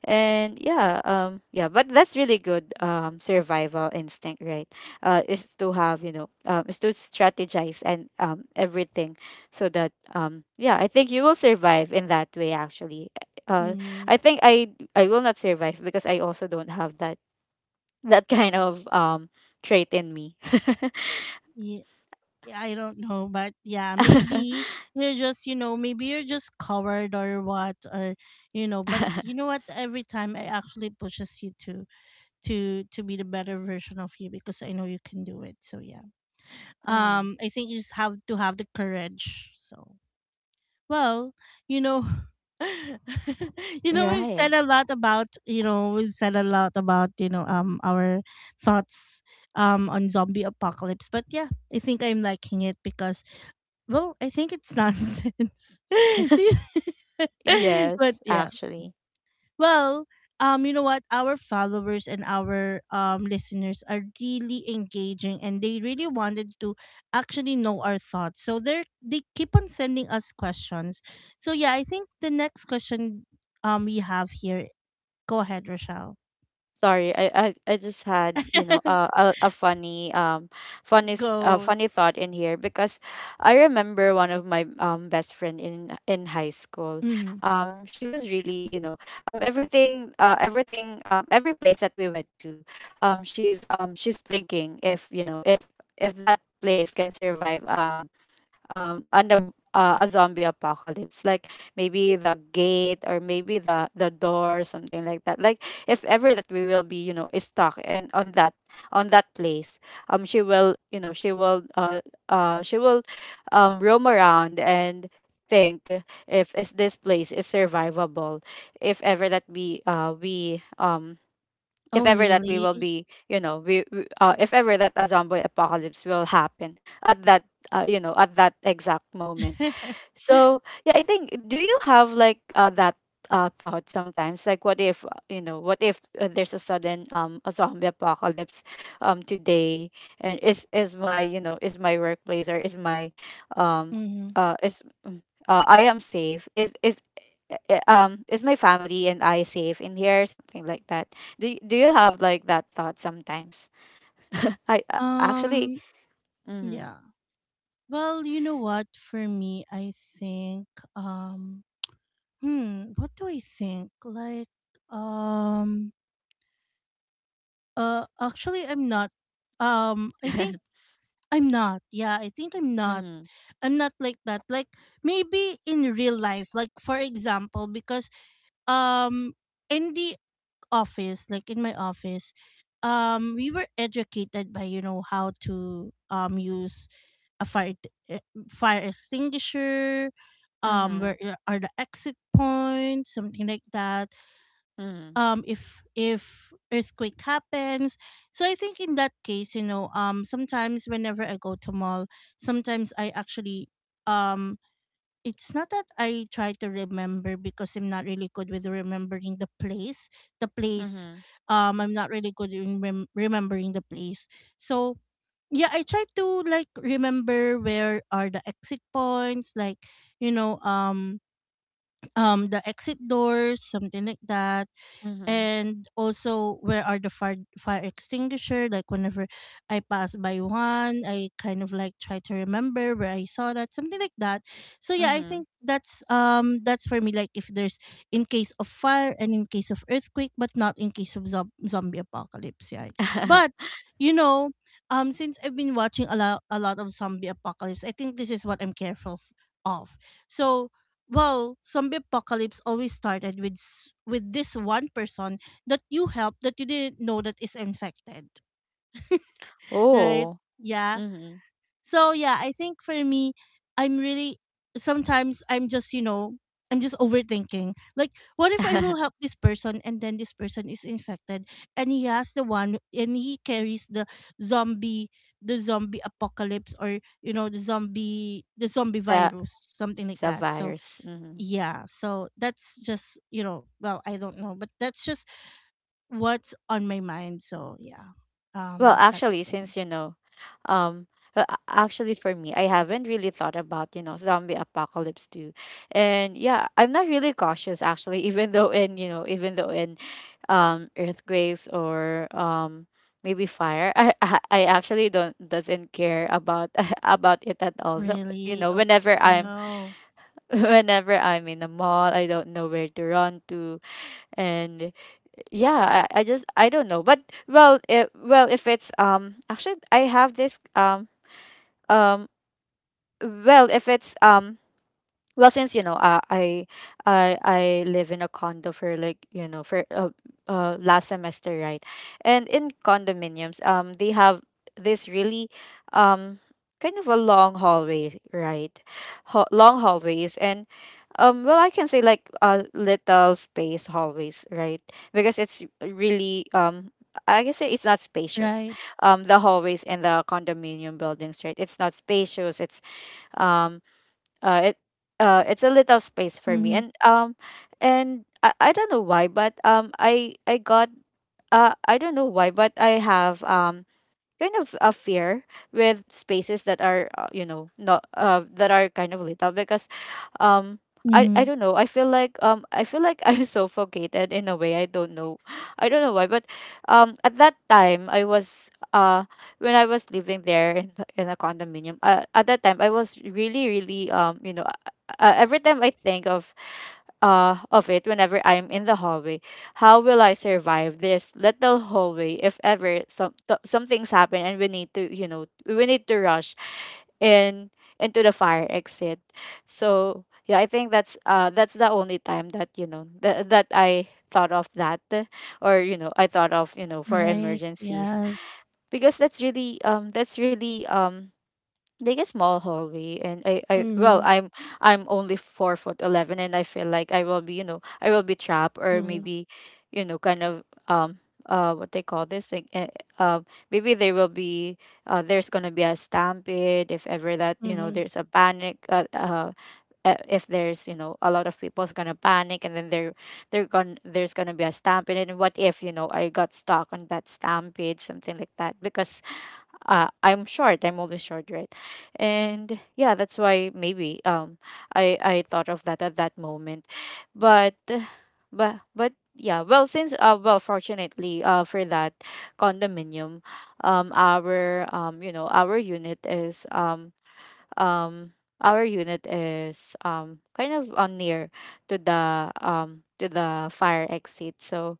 Speaker 2: And yeah, um yeah, but that's really good, um survival instinct, right? Uh is to have, you know, um is to strategize, and um everything, so that, um yeah, I think you will survive in that way, actually. Uh
Speaker 1: Mm-hmm.
Speaker 2: I think I I will not survive, because I also don't have that, that kind of, um trait in me.
Speaker 1: Yeah, I don't know, but yeah, maybe you're just, you know, maybe you're just covered or what, or you know. But you know what? Every time it actually pushes you to, to to be the better version of you because I know you can do it. So yeah.
Speaker 2: Mhm.
Speaker 1: Um I think you just have to have the courage. So well, you know you know we've
Speaker 2: Right.
Speaker 1: said a lot about you know we've said a lot about you know um our thoughts um on zombie apocalypse, but yeah, I think I'm liking it because well, I think it's nonsense. Do you- But
Speaker 2: Yes,
Speaker 1: yeah,
Speaker 2: actually.
Speaker 1: well, um, you know what? Our followers and our um listeners are really engaging, and they really wanted to actually know our thoughts. So they are they keep on sending us questions. So yeah, I think the next question um we have here. Go ahead, Rochelle.
Speaker 2: Sorry, I, I, I just had, you know uh, a a funny, um funny, s- uh,
Speaker 1: Go.
Speaker 2: funny thought in here, because I remember one of my, um best friend in in high school.
Speaker 1: Mhm.
Speaker 2: Um, she was really, you know um everything uh everything um every place that we went to, um she's um she's thinking, if, you know if if that place can survive, um um an ab- uh, a zombie apocalypse, like maybe the gate, or maybe the the door, something like that. Like, if ever that we will be, you know is stuck and on that, on that place, um she will, you know she will uh uh she will, um roam around and think, if is this place is survivable, if ever that we uh we um
Speaker 1: Oh
Speaker 2: if ever that we will
Speaker 1: really?
Speaker 2: be you know we, we uh, if ever that a zombie apocalypse will happen at that, uh, you know at that exact moment. So yeah, I think, do you have like, uh, that, uh, thought sometimes, like, what if, uh, you know what if, uh, there's a sudden, um a zombie apocalypse, um today, and is is my, you know is my workplace, or is my, um
Speaker 1: Mm-hmm.
Speaker 2: uh is mm, uh, I am safe. Is is i- um is my family and I safe in here, something like that? Do y- do you have like that thought sometimes? I uh, Actually.
Speaker 1: Um,
Speaker 2: Mm-hmm.
Speaker 1: yeah. Well, you know what? For me, I think um hmm, what do I think? Like um uh actually I'm not um I think I'm not. Yeah, I think I'm not.
Speaker 2: Mm-hmm.
Speaker 1: I'm not like that. Like maybe in real life, like for example, because um in the office, like in my office, um, we were educated by you know how to um use a fire e- fire extinguisher, um,
Speaker 2: Mm-hmm.
Speaker 1: where i- are the exit points, something like that.
Speaker 2: Mm-hmm.
Speaker 1: Um, if if earthquake happens, so I think in that case, you know, um, sometimes whenever I go to mall, sometimes I actually um it's not that I try to remember because I'm not really good with remembering the place. The place,
Speaker 2: Mm-hmm.
Speaker 1: um, I'm not really good in rem- remembering the place. So yeah, I try to like remember where are the exit points, like you know, um, um, the exit doors, something like that,
Speaker 2: Mm-hmm.
Speaker 1: and also where are the fire, fire extinguisher, like whenever I pass by one I kind of like try to remember where I saw that, something like that. So yeah, I
Speaker 2: Mm-hmm.
Speaker 1: think that's um that's for me, like if there's in case of fire and in case of earthquake, but not in case of zob- zombie apocalypse, right? But you know, um since I've been watching a lot a lot of zombie apocalypse, I think this is what I'm careful f- of. So well, zombie apocalypse always started with s- with this one person that you helped that you didn't know that is infected, right?
Speaker 2: Oh.
Speaker 1: Yeah.
Speaker 2: Mm-hmm.
Speaker 1: So yeah, I think for me, I'm really sometimes I'm just you know I'm just overthinking. Like, what if I will help this person and then this person is infected and he has the one and he carries the zombie the zombie apocalypse, or you know the zombie the zombie virus,
Speaker 2: That's
Speaker 1: something like
Speaker 2: a
Speaker 1: that. So
Speaker 2: virus. Mm-hmm.
Speaker 1: yeah, so that's just you know, well I don't know, but that's just what's on my mind. So yeah,
Speaker 2: Well,
Speaker 1: um that's
Speaker 2: actually,
Speaker 1: for me.
Speaker 2: since, you know, um, well, a- actually, for me, I haven't really thought about, you know zombie apocalypse too, and yeah, I'm not really cautious, actually. Even though in you know, even though in, um, earthquakes, or um maybe fire, I I I actually don't doesn't care about about it at all. So, you
Speaker 1: Really?
Speaker 2: know,
Speaker 1: Oh, co-
Speaker 2: whenever
Speaker 1: oh
Speaker 2: I'm,
Speaker 1: no.
Speaker 2: whenever I'm in a mall, I don't know where to run to, and yeah, I, I just, I don't know, but— well it, well if it's um actually, I have this, um um well if it's um well, since, you know uh, i i i live in a condo for like, you know for, uh, uh last semester, right? And in condominiums, um they have this really, um kind of a long hallway, right? Ho- long hallways. And, um well, I can say, like, uh, little space hallways, right? Because it's really, um I can say, it's not spacious.
Speaker 1: Right.
Speaker 2: Um the hallways in the condominium buildings, right? It's not spacious. It's, um uh it uh it's a little
Speaker 1: Mm-hmm.
Speaker 2: space for me. And, um and I, I don't know why, but, um I I got uh I don't know why, but I have, um kind of a fear with spaces that are, uh, you know not, uh that are kind of little, because, um I,
Speaker 1: Mm-hmm.
Speaker 2: I don't know. I feel like, um I feel like, I'm suffocated in a way. I don't know. I don't know why, but, um at that time I was, uh when I was living there in the, in a condominium. Uh, at that time I was really, really, um you know uh, uh, every time I think of, uh, of it, whenever I'm in the hallway— how will I survive this little hallway, if ever some, th- something's happen, and we need to, you know we need to rush in, into the fire exit. So yeah, I think that's, uh that's the only time that, you know th- that I thought of that, or, you know I thought of, you know for
Speaker 1: Right,
Speaker 2: emergencies,
Speaker 1: yes.
Speaker 2: because that's really, um that's really, um like a small hallway. And I, I
Speaker 1: Mm-hmm.
Speaker 2: well, I'm I'm only four foot eleven, and I feel like I will be, you know, I will be trapped, or
Speaker 1: Mm-hmm.
Speaker 2: maybe, you know, kind of, um uh what they call this thing, uh, um maybe there will be, uh there's gonna be a stampede, if ever that, you know
Speaker 1: Mm-hmm.
Speaker 2: there's a panic, uh, uh uh, if there's, you know a lot of people's gonna panic, and then there, they're gonna there's gonna be a stampede. And what if, you know I got stuck on that stampede, something like that, because, uh, I'm short. I'm always short, right? And yeah, that's why maybe, um I I thought of that at that moment, but, uh, but but yeah. Well, since uh well fortunately uh for that condominium, um our um you know our unit is um um our unit is um kind of on near to the um to the fire exit, so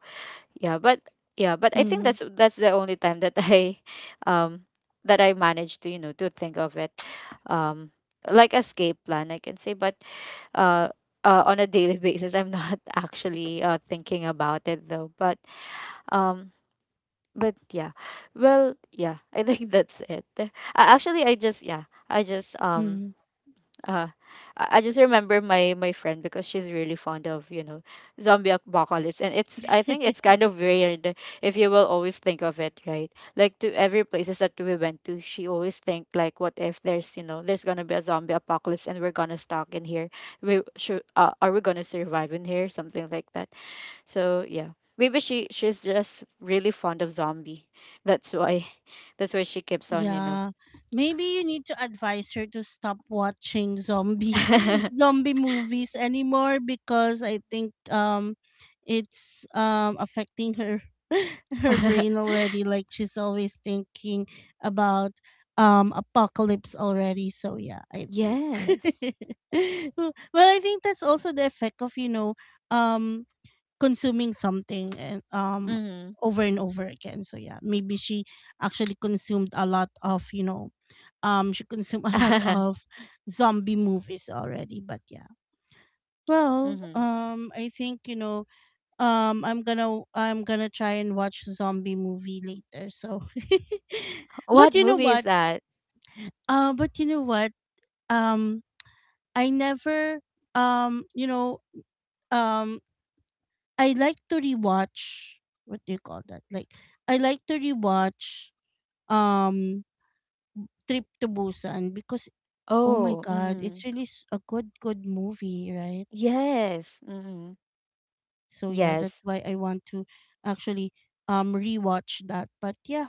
Speaker 2: yeah. But yeah but I think
Speaker 1: Mm-hmm.
Speaker 2: that's that's the only time that I um that I managed to you know to think of it, um like escape plan, I can say. But uh, uh on a daily basis I'm not actually uh thinking about it, though. But um but yeah, well, yeah, I think that's it. Uh, actually I just, yeah, I just um
Speaker 1: Mm-hmm.
Speaker 2: uh, I I just remember my my friend because she's really fond of, you know, zombie apocalypse, and it's, I think it's kind of weird if you will always think of it, right? Like to every places that we went to, she always think like, what if there's, you know, there's gonna be a zombie apocalypse and we're gonna stuck in here? We should, uh, are we gonna survive in here? Something like that. So yeah, maybe she she's just really fond of zombie. That's why that's why she keeps on, you know.
Speaker 1: Yeah. Maybe you need to advise her to stop watching zombie zombie movies anymore because I think um it's um affecting her her brain already, like she's always thinking about um apocalypse already. So yeah, I think
Speaker 2: Yes.
Speaker 1: well, I think that's also the effect of you know um consuming something and um
Speaker 2: Hmm.
Speaker 1: over and over again. So yeah, maybe she actually consumed a lot of, you know, um she consumed a lot of zombie movies already, but yeah. Well,
Speaker 2: Mm-hmm.
Speaker 1: um I think, you know, um I'm going to I'm going to try and watch zombie movie later. So But
Speaker 2: What
Speaker 1: you know
Speaker 2: movie is
Speaker 1: what?
Speaker 2: that?
Speaker 1: Uh but you know what? Um I never um you know um I like to rewatch what do you call that? Like I like to rewatch um Trip to Busan because, oh my
Speaker 2: Oh,
Speaker 1: god,
Speaker 2: mm-hmm.
Speaker 1: it's really s- a good good movie, right?
Speaker 2: Yes. Mm-hmm.
Speaker 1: So yeah, that's
Speaker 2: Yes.
Speaker 1: why I want to actually um rewatch that. But yeah,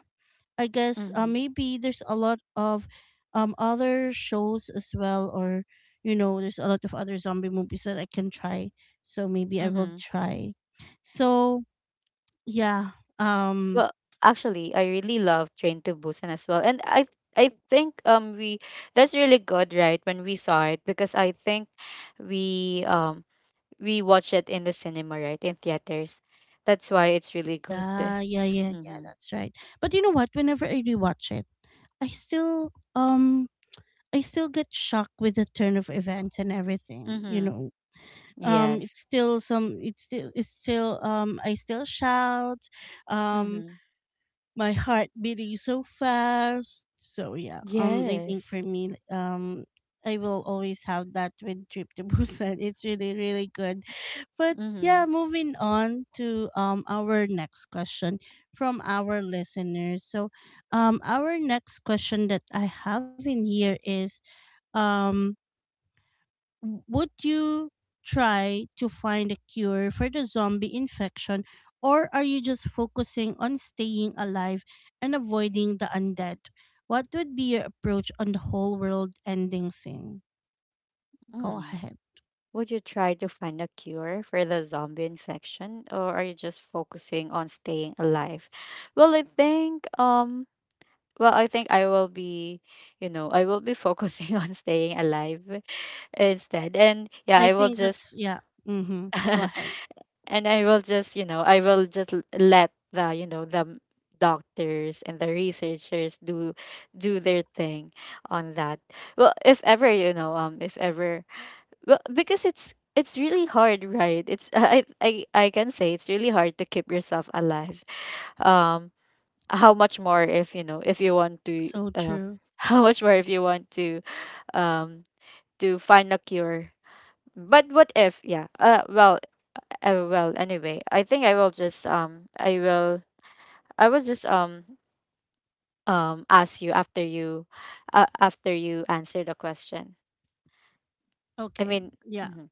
Speaker 1: I guess uh,
Speaker 2: Mm-hmm.
Speaker 1: maybe there's a lot of um other shows as well, or you know, there's a lot of other zombie movies that I can try. So maybe I will
Speaker 2: Mm-hmm.
Speaker 1: try. So yeah, um.
Speaker 2: Well, actually, I really love Train to Busan as well, and I I think um we, that's really good, right? When we saw it, because I think we um we watched it in the cinema, right, in theaters. That's why it's really good.
Speaker 1: Yeah, yeah, yeah, yeah.
Speaker 2: Mm-hmm.
Speaker 1: That's right. But you know what? Whenever I rewatch it, I still um I still get shocked with the turn of events and everything. You
Speaker 2: Mm-hmm.
Speaker 1: know, um, it's
Speaker 2: Yes.
Speaker 1: still some. It's still. It's still. Um, I still shout. Um,
Speaker 2: Mm-hmm.
Speaker 1: my heart beating so fast. So yeah, um, I think
Speaker 2: Yes.
Speaker 1: for me, um, I will always have that with Trip to Busan. It's really really good, but
Speaker 2: Mm-hmm.
Speaker 1: yeah, moving on to um our next question from our listeners. So, um, our next question that I have in here is um w- would you try to find a cure for the zombie infection, or are you just focusing on staying alive and avoiding the undead? What would be your approach on the whole world ending thing?
Speaker 2: Mm hmm, mm hmm, yes, mm hmm, yes,
Speaker 1: Go
Speaker 2: mm hmm.
Speaker 1: ahead.
Speaker 2: Would you try to find a cure for the zombie infection or are you just focusing on staying alive? Well, I think um well, I think I will be, you know, I will be focusing on staying alive instead. And yeah,
Speaker 1: I
Speaker 2: I will
Speaker 1: think
Speaker 2: just
Speaker 1: that's yeah. Mhm. Go ahead.
Speaker 2: and I will just, you know, I will just l- let the, you know, the m- doctors and the researchers do do their thing on that. Well, if ever, you know, um if ever, well, because it's it's really hard, right? It's I I I can say it's really hard to keep yourself alive. Um, how much more if you know if you want to
Speaker 1: So
Speaker 2: uh,
Speaker 1: true.
Speaker 2: how much more if you want to um to find a cure. But what if? Yeah. Uh. Well. Uh, well. Anyway, I think I will just um. I will. I will just um um ask you after you, uh, after you answer the question. I
Speaker 1: Okay.
Speaker 2: mean.
Speaker 1: Yeah.
Speaker 2: Mm-hmm,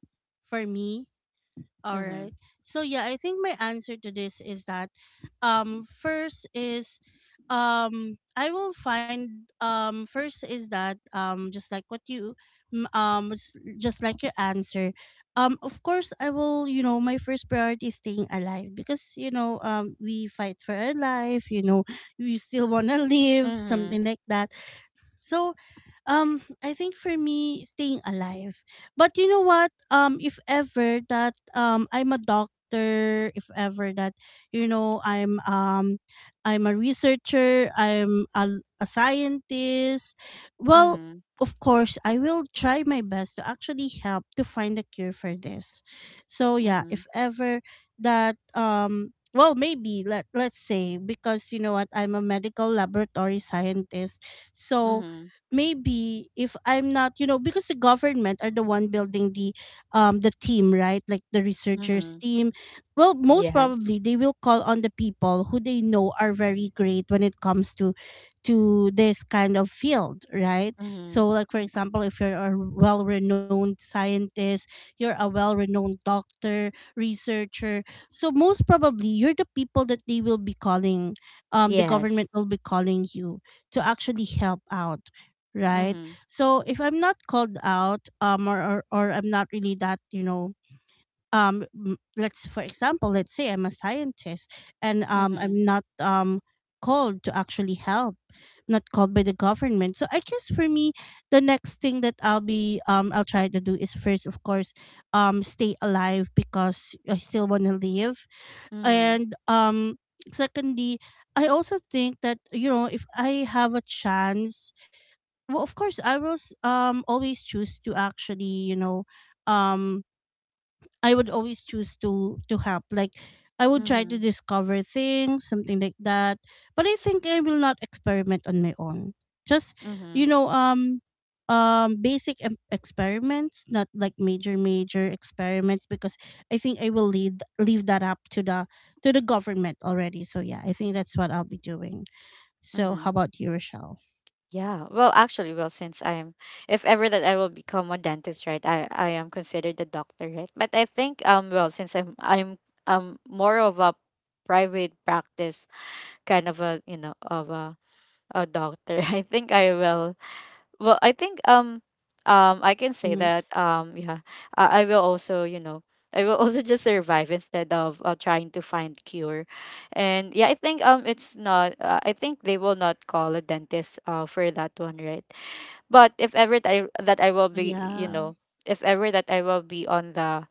Speaker 1: For me, all
Speaker 2: mm-hmm,
Speaker 1: right. So yeah, I think my answer to this is that um first is um I will find um first is that um, just like what you mm, um s- just like your answer, um of course I will you know my first priority is staying alive because you know um we fight for our life, you know, we still want to live,
Speaker 2: mm-hmm,
Speaker 1: something like that. So, um, I think for me, staying alive. But you know what? Um, if ever that um, I'm a doctor. If ever that you know, I'm um, I'm a researcher. I'm a, a scientist. Well,
Speaker 2: mm-hmm,
Speaker 1: of course, I will try my best to actually help to find a cure for this. So yeah,
Speaker 2: mm-hmm.
Speaker 1: if ever that um. Well, maybe let let's say, because you know what, I'm a medical laboratory scientist, so
Speaker 2: Mm-hmm.
Speaker 1: maybe if I'm not, you know, because the government are the one building the um the team, right? Like the researchers
Speaker 2: Mhm.
Speaker 1: team. Well, most
Speaker 2: Yes.
Speaker 1: probably they will call on the people who they know are very great when it comes to to this kind of field, right?
Speaker 2: Mhm.
Speaker 1: So like for example, if you're a well-renowned scientist, you're a well-renowned doctor, researcher. So most probably you're the people that they will be calling um the government
Speaker 2: Yes.
Speaker 1: will be calling you to actually help out, right?
Speaker 2: Mhm.
Speaker 1: So if I'm not called out, um, or or, or I'm not really that, you know, um, m- let's for example, let's say I'm a scientist and um,
Speaker 2: Mhm.
Speaker 1: I'm not um called to actually help, not called by the government. So I guess for me, the next thing that I'll be um I'll try to do is, first, of course, um, stay alive because I still want to live,
Speaker 2: Mhm.
Speaker 1: and um, secondly. I also think that you know if I have a chance, well of course I will s- um always choose to actually you know um I would always choose to to help, like I would try to
Speaker 2: Mhm.
Speaker 1: discover things, something like that, but I think I will not experiment on my own, just you
Speaker 2: Mhm.
Speaker 1: know um um basic em- experiments, not like major major experiments, because I think I will lead leave that up to the to the government already. So yeah, I think that's what I'll be doing. So, how
Speaker 2: Mhm.
Speaker 1: about you, Rochelle?
Speaker 2: Yeah. Well, actually, well, since I'm, if ever that I will become a dentist, right? I I am considered a doctor, right? But I think, um, well, since I'm I'm um more of a private practice kind of a, you know, of a a doctor, I think I will, well, I think um um I can say
Speaker 1: Mm-hmm.
Speaker 2: that, um yeah, I, I will also, you know, I will also just survive instead of uh, trying to find cure, and yeah, I think um it's not uh, I think they will not call a dentist uh for that one, right? But if ever that I, that I will be, you
Speaker 1: Yeah.
Speaker 2: know, if ever that I will be on the,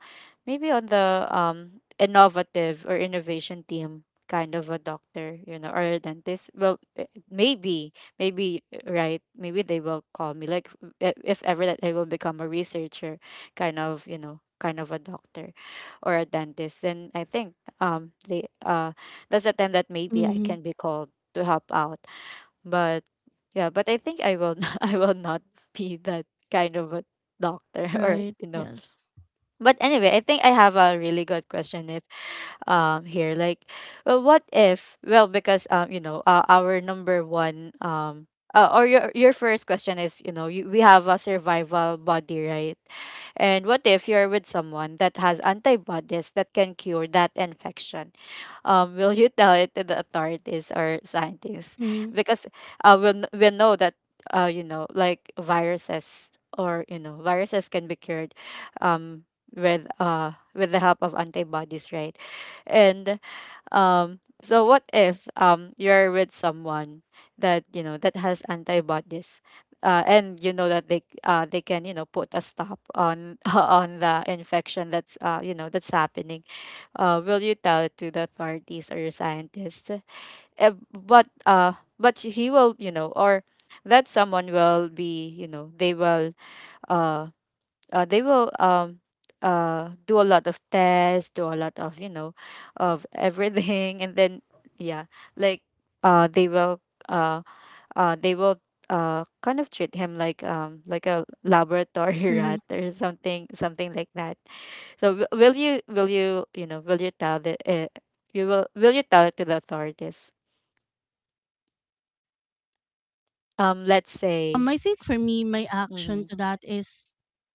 Speaker 2: maybe on the um innovative or innovation team kind of a doctor, you know, or a dentist, well, eh, maybe, maybe, eh, right, maybe they will call me. Like, eh, if ever that I will become a researcher, kind of, you know, kind of a doctor or a dentist, then I think um they uh that's the time that maybe I
Speaker 1: Mm-hmm.
Speaker 2: can be called to help out. But yeah, but I think I will I will not be that kind of a doctor or
Speaker 1: Right.
Speaker 2: you know.
Speaker 1: Yes.
Speaker 2: But anyway, I think I have a really good question if um here, like, well, what if, well, because um you know uh, our number one um uh, or your your first question is, you know, you, we have a survival body, right? And what if you're with someone that has antibodies that can cure that infection, um, will you tell it to the authorities or
Speaker 1: Mm-hmm.
Speaker 2: scientists? Because uh, we'll, we'll know that, uh, you know, like viruses, or, you know, viruses can be cured um, with, uh, with the help of antibodies, right? And um, so what if um, you're with someone that, you know, that has antibodies? Uh, and you know that they uh, they can, you know, put a stop on on the infection that's uh, you know that's happening, uh, will you tell it to the authorities or scientists? Uh, but uh, but he will, you know, or that someone will be, you know, they will uh, uh they will um uh do a lot of tests, do a lot of, you know, of everything, and then yeah, like uh they will uh uh they will uh kind of treat him like
Speaker 1: Mm-hmm.
Speaker 2: um like a laboratory rat or something, something like that. So w- will you, will you, you know, will you tell the uh, you, will will you tell it to the authorities?
Speaker 1: Um, I think
Speaker 2: Um,
Speaker 1: for
Speaker 2: let's
Speaker 1: me, my
Speaker 2: say
Speaker 1: action to that is
Speaker 2: mm-hmm.
Speaker 1: go ahead.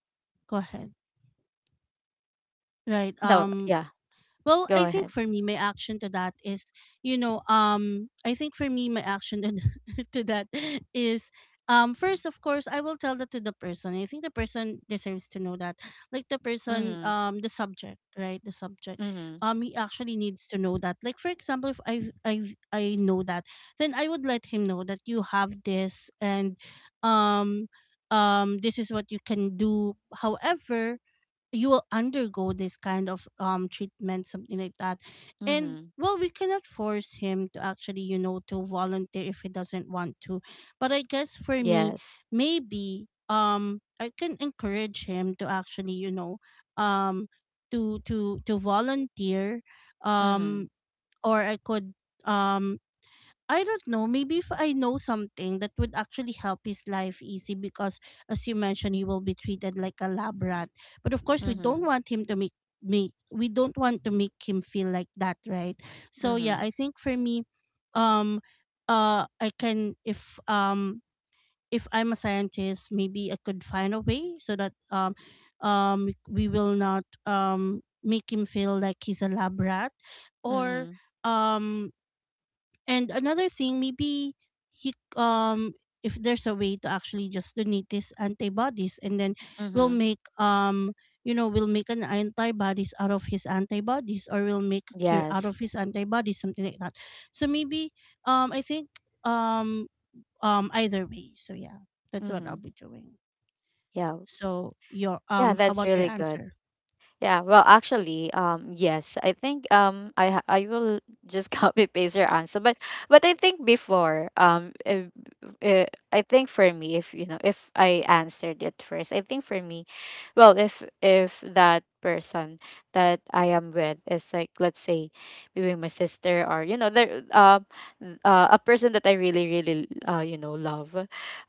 Speaker 1: Right. Um,
Speaker 2: No, yeah,
Speaker 1: well, I think for
Speaker 2: go
Speaker 1: me, my
Speaker 2: ahead.
Speaker 1: action to that is, you know, um, I think for me, my action to to that is, um, first, of course, I will tell that to the person. I think the person deserves to know that, like the person,
Speaker 2: Mm-hmm.
Speaker 1: um, the subject, right? The subject,
Speaker 2: Mm-hmm.
Speaker 1: um, he actually needs to know that. Like for example, if I I I know that, then I would let him know that you have this, and, um, um, this is what you can do. However, you will undergo this kind of um treatment, something like that, and
Speaker 2: Mm-hmm.
Speaker 1: well we cannot force him to actually you know to volunteer if he doesn't want to, but I guess for me,
Speaker 2: Yes.
Speaker 1: maybe um I can encourage him to actually you know um to to to volunteer,
Speaker 2: Mm-hmm.
Speaker 1: um or I could um I don't know. Maybe if I know something that would actually help his life easy, because, as you mentioned, he will be treated like a lab rat. But of course, we
Speaker 2: Mm-hmm.
Speaker 1: don't want him to make make we don't want to make him feel like that, right? So yeah,
Speaker 2: Mm-hmm.
Speaker 1: I think for me, um, uh, I can if um if I'm a scientist, maybe I could find a way so that um, um, we will not um make him feel like he's a lab rat, or
Speaker 2: Mm-hmm.
Speaker 1: um and another thing, maybe he um if there's a way to actually just donate these antibodies, and then we'll
Speaker 2: Mm-hmm.
Speaker 1: make um you know we'll make an antibodies out of his antibodies, or we'll make a cure out of
Speaker 2: Yes.
Speaker 1: his antibodies, something like that, so maybe um I think um um either way. So yeah, that's what
Speaker 2: Mm-hmm.
Speaker 1: I'll be doing.
Speaker 2: Yeah.
Speaker 1: So your
Speaker 2: Yeah,
Speaker 1: um how
Speaker 2: that's
Speaker 1: about your
Speaker 2: really good.
Speaker 1: answer?
Speaker 2: Yeah, well, actually, um, yes, I think um, I ha- I will just copy paste your answer, but but I think before um, uh, uh, I think for me, if you know, if I answered it first, I think for me, well, if if that person that I am with is like, let's say, maybe my sister or you know, there, um, uh, a person that I really really uh, you know, love,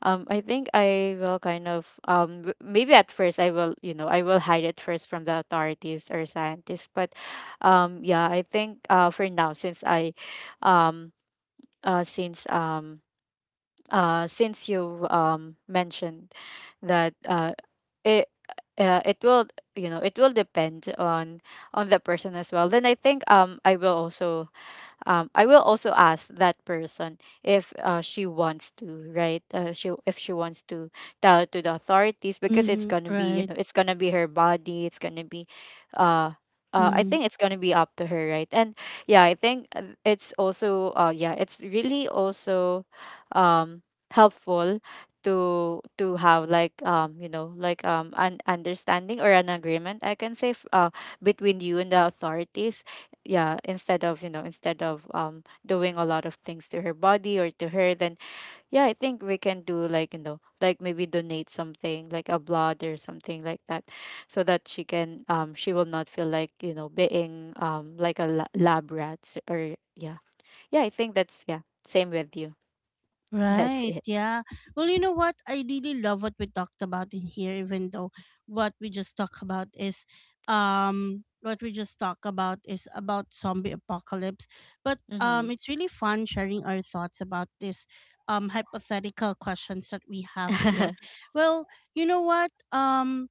Speaker 2: um, I think I will kind of um w- maybe at first I will, you know, I will hide it first from the authorities or scientists. But um yeah, I think uh for now, since I um uh since um uh since you um mentioned that uh it uh, it will, you know, it will depend on on the person as well, then I think um I will also um, I will also ask that person if uh, she wants to, right? Uh, she, if she wants to tell to the authorities, because it's
Speaker 1: Mm-hmm,
Speaker 2: gonna be, you
Speaker 1: right.
Speaker 2: know, it's gonna be her body. It's gonna be, uh, uh, I think it's gonna be up to her, right? And yeah, I think uh, it's also, uh, yeah, it's really also, um, helpful to to have like, um you know, like, um an understanding or an agreement, I can say, f- uh between you and the authorities, yeah, instead of, you know, instead of, um doing a lot of things to her body or to her. Then yeah, I think we can do like, you know, like maybe donate something like a blood or something like that, so that she can um she will not feel like, you know, being, um like a la- lab rat, s- or yeah, yeah, I think that's yeah, same with you. That's
Speaker 1: Right,
Speaker 2: it.
Speaker 1: yeah. Well, you know what? I really love what we talked about in here, even though what we just talked about is um what we just talked about is about zombie apocalypse. But
Speaker 2: Mm-hmm.
Speaker 1: um it's really fun sharing our thoughts about this um hypothetical questions that we have here. Well, you know what? Um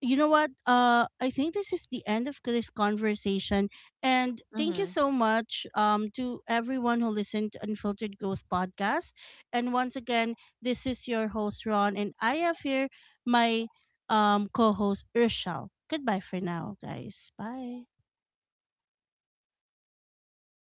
Speaker 1: you know what? Uh, I think this is the end of this conversation. And thank you so much um, to everyone who listened to Unfiltered Growth Podcast. And once again, this is your host, Ron, and I have here my um, co host, Urshal. Goodbye for now, guys. Bye.